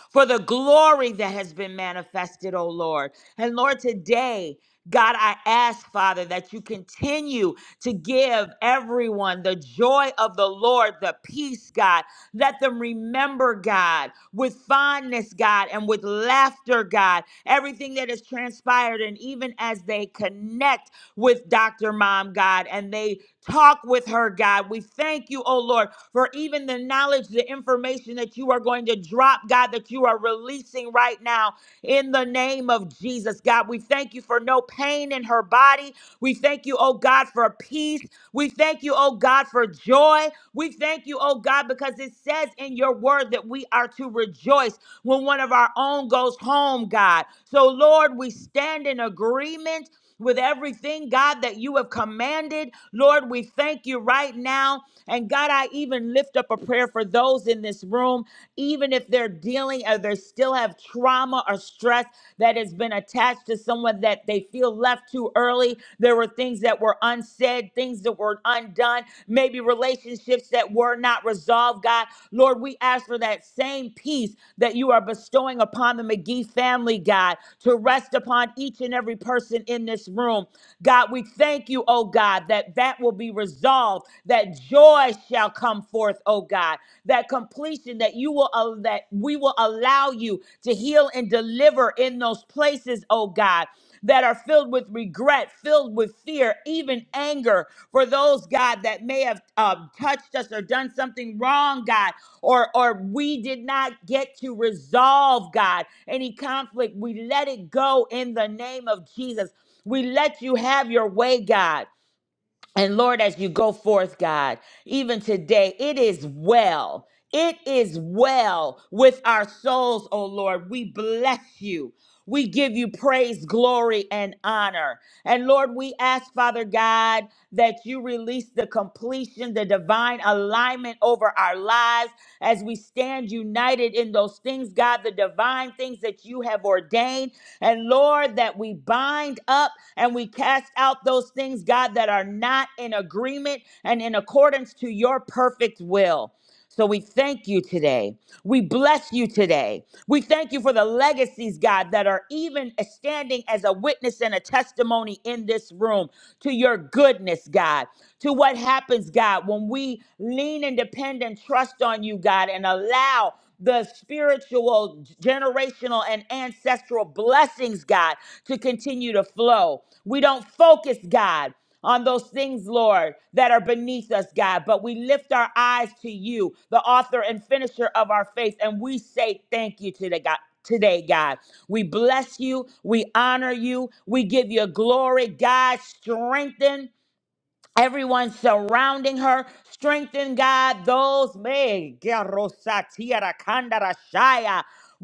Speaker 9: for the glory that has been manifested, oh Lord. And Lord, today, God, I ask, Father, that you continue to give everyone the joy of the Lord, the peace, God. Let them remember, God, with fondness, God, and with laughter, God, everything that has transpired. And even as they connect with Dr. Mom, God, and they Talk with her, God. We thank you, oh Lord, for even the knowledge, the information that you are going to drop, God, that you are releasing right now in the name of Jesus, God. We thank you for no pain in her body we thank you, oh God, for peace. We thank you, oh God, for joy. We thank you, oh God, because it says in your word that we are to rejoice when one of our own goes home, God. So, Lord, we stand in agreement with everything, God, that you have commanded. Lord, we thank you right now. And God, I even lift up a prayer for those in this room, even if they're dealing or they still have trauma trauma or stress that has been attached to someone that they feel left too early. There were things that were unsaid, things that were undone, maybe relationships that were not resolved, God. Lord, we ask for that same peace that you are bestowing upon the McGee family, God, to rest upon each and every person in this room. God, we thank you, oh God, that that will be resolved, that joy shall come forth, oh God. God, that completion that you will al- that we will allow you to heal and deliver in those places, oh God, that are filled with regret, filled with fear, even anger for those God that may have um, touched us or done something wrong, God, or or we did not get to resolve, God, any conflict. We let it go in the name of Jesus. We let you have your way, God. And Lord, as you go forth, God, even today, it is well. It is well with our souls, oh Lord. We bless you. We give you praise, glory, and honor. And Lord, we ask, Father God, that you release the completion, the divine alignment over our lives as we stand united in those things, God, the divine things that you have ordained. And Lord, that we bind up and we cast out those things, God, that are not in agreement and in accordance to your perfect will. So we thank you today. We bless you today. We thank you for the legacies, God, that are even standing as a witness and a testimony in this room to your goodness, God, to what happens, God, when we lean and depend and trust on you, God, and allow the spiritual, generational, and ancestral blessings, God, to continue to flow. We don't focus, God on those things, Lord, that are beneath us, God. But we lift our eyes to you, the author and finisher of our faith, and we say thank you to the God. Today, God, we bless you, we honor you, we give you glory, God. Strengthen Everyone surrounding her, strengthen God, those may.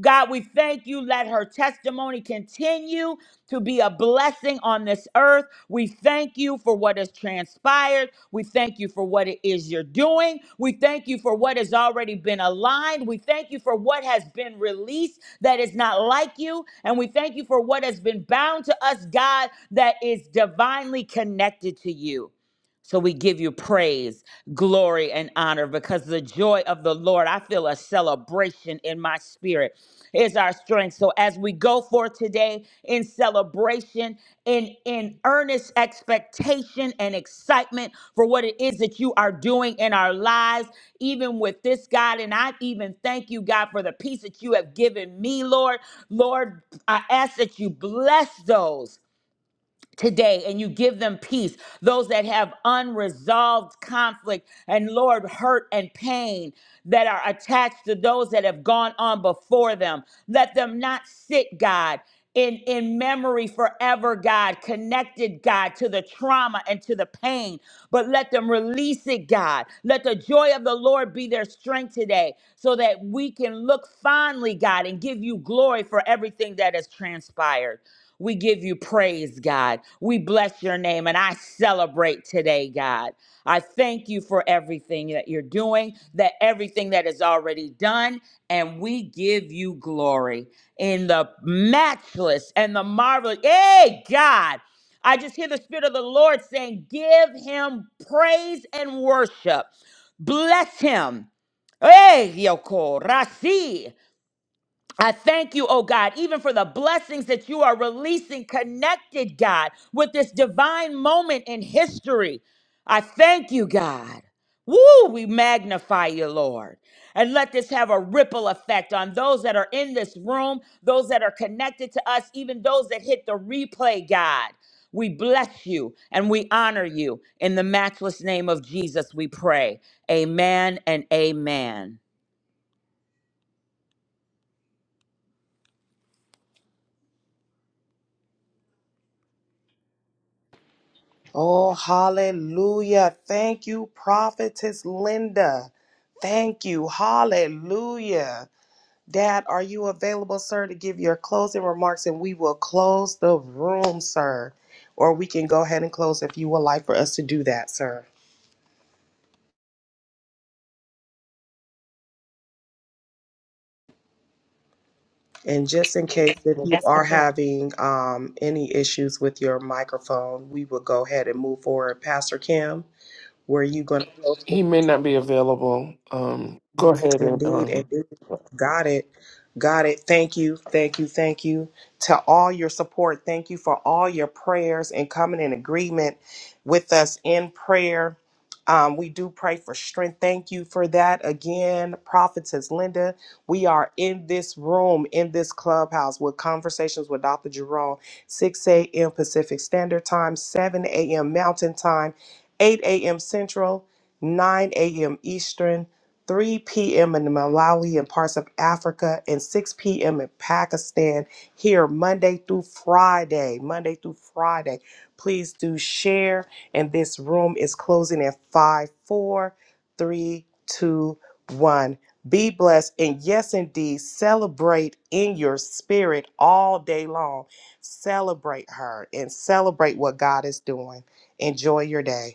Speaker 9: God, we thank you. Let her testimony continue to be a blessing on this earth. We thank you for what has transpired. We thank you for what it is you're doing. We thank you for what has already been aligned. We thank you for what has been released that is not like you. And we thank you for what has been bound to us, God, that is divinely connected to you. So we give you praise, glory, and honor because the joy of the Lord, I feel a celebration in my spirit, is our strength. So as we go forth today in celebration, in, in earnest expectation and excitement for what it is that you are doing in our lives, even with this, God. And I even thank you, God, for the peace that you have given me, Lord. Lord, I ask that you bless those today and you give them peace. Those that have unresolved conflict and Lord, hurt and pain that are attached to those that have gone on before them. Let them not sit, God. In, in memory forever, God, connected, God, to the trauma and to the pain, but let them release it, God. Let the joy of the Lord be their strength today so that we can look fondly, God, and give you glory for everything that has transpired. We give you praise, God. We bless your name and I celebrate today, God. I thank you for everything that you're doing, that everything that is already done, and we give you glory in the matchless and the marvelous. Hey, God. I just hear the Spirit of the Lord saying, Give him praise and worship. Bless him. Hey, Yoko, Rasi. I thank you, oh God, even for the blessings that you are releasing, connected, God, with this divine moment in history. I thank you, God. Woo, we magnify you, Lord. And let this have a ripple effect on those that are in this room, those that are connected to us, even those that hit the replay, God. We bless you and we honor you. In the matchless name of Jesus, we pray. Amen and amen.
Speaker 2: Oh, hallelujah. Thank you, Prophetess Linda. Thank you. Hallelujah. Dad, are you available, sir, to give your closing remarks and we will close the room, sir? Or we can go ahead and close if you would like for us to do that, sir. And just in case if you are having um, any issues with your microphone, we will go ahead and move forward. Pastor Kim, were you going to close?
Speaker 10: He may not be available. Um, go ahead and
Speaker 2: Indeed,
Speaker 10: um,
Speaker 2: indeed. Got it. Got it. Thank you. Thank you. Thank you to all your support. Thank you for all your prayers and coming in agreement with us in prayer. Um, we do pray for strength. Thank you for that. Again, Prophetess Linda, we are in this room, in this clubhouse with conversations with Dr. Jerome, 6 a.m. Pacific Standard Time, 7 a.m. Mountain Time, 8 a.m. Central, 9 a.m. Eastern. 3 p.m. in Malawi and parts of Africa, and 6 p.m. in Pakistan here Monday through Friday. Monday through Friday. Please do share. And this room is closing at five, four, three, two, one. Be blessed and yes, indeed, celebrate in your spirit all day long. Celebrate her and celebrate what God is doing. Enjoy your day.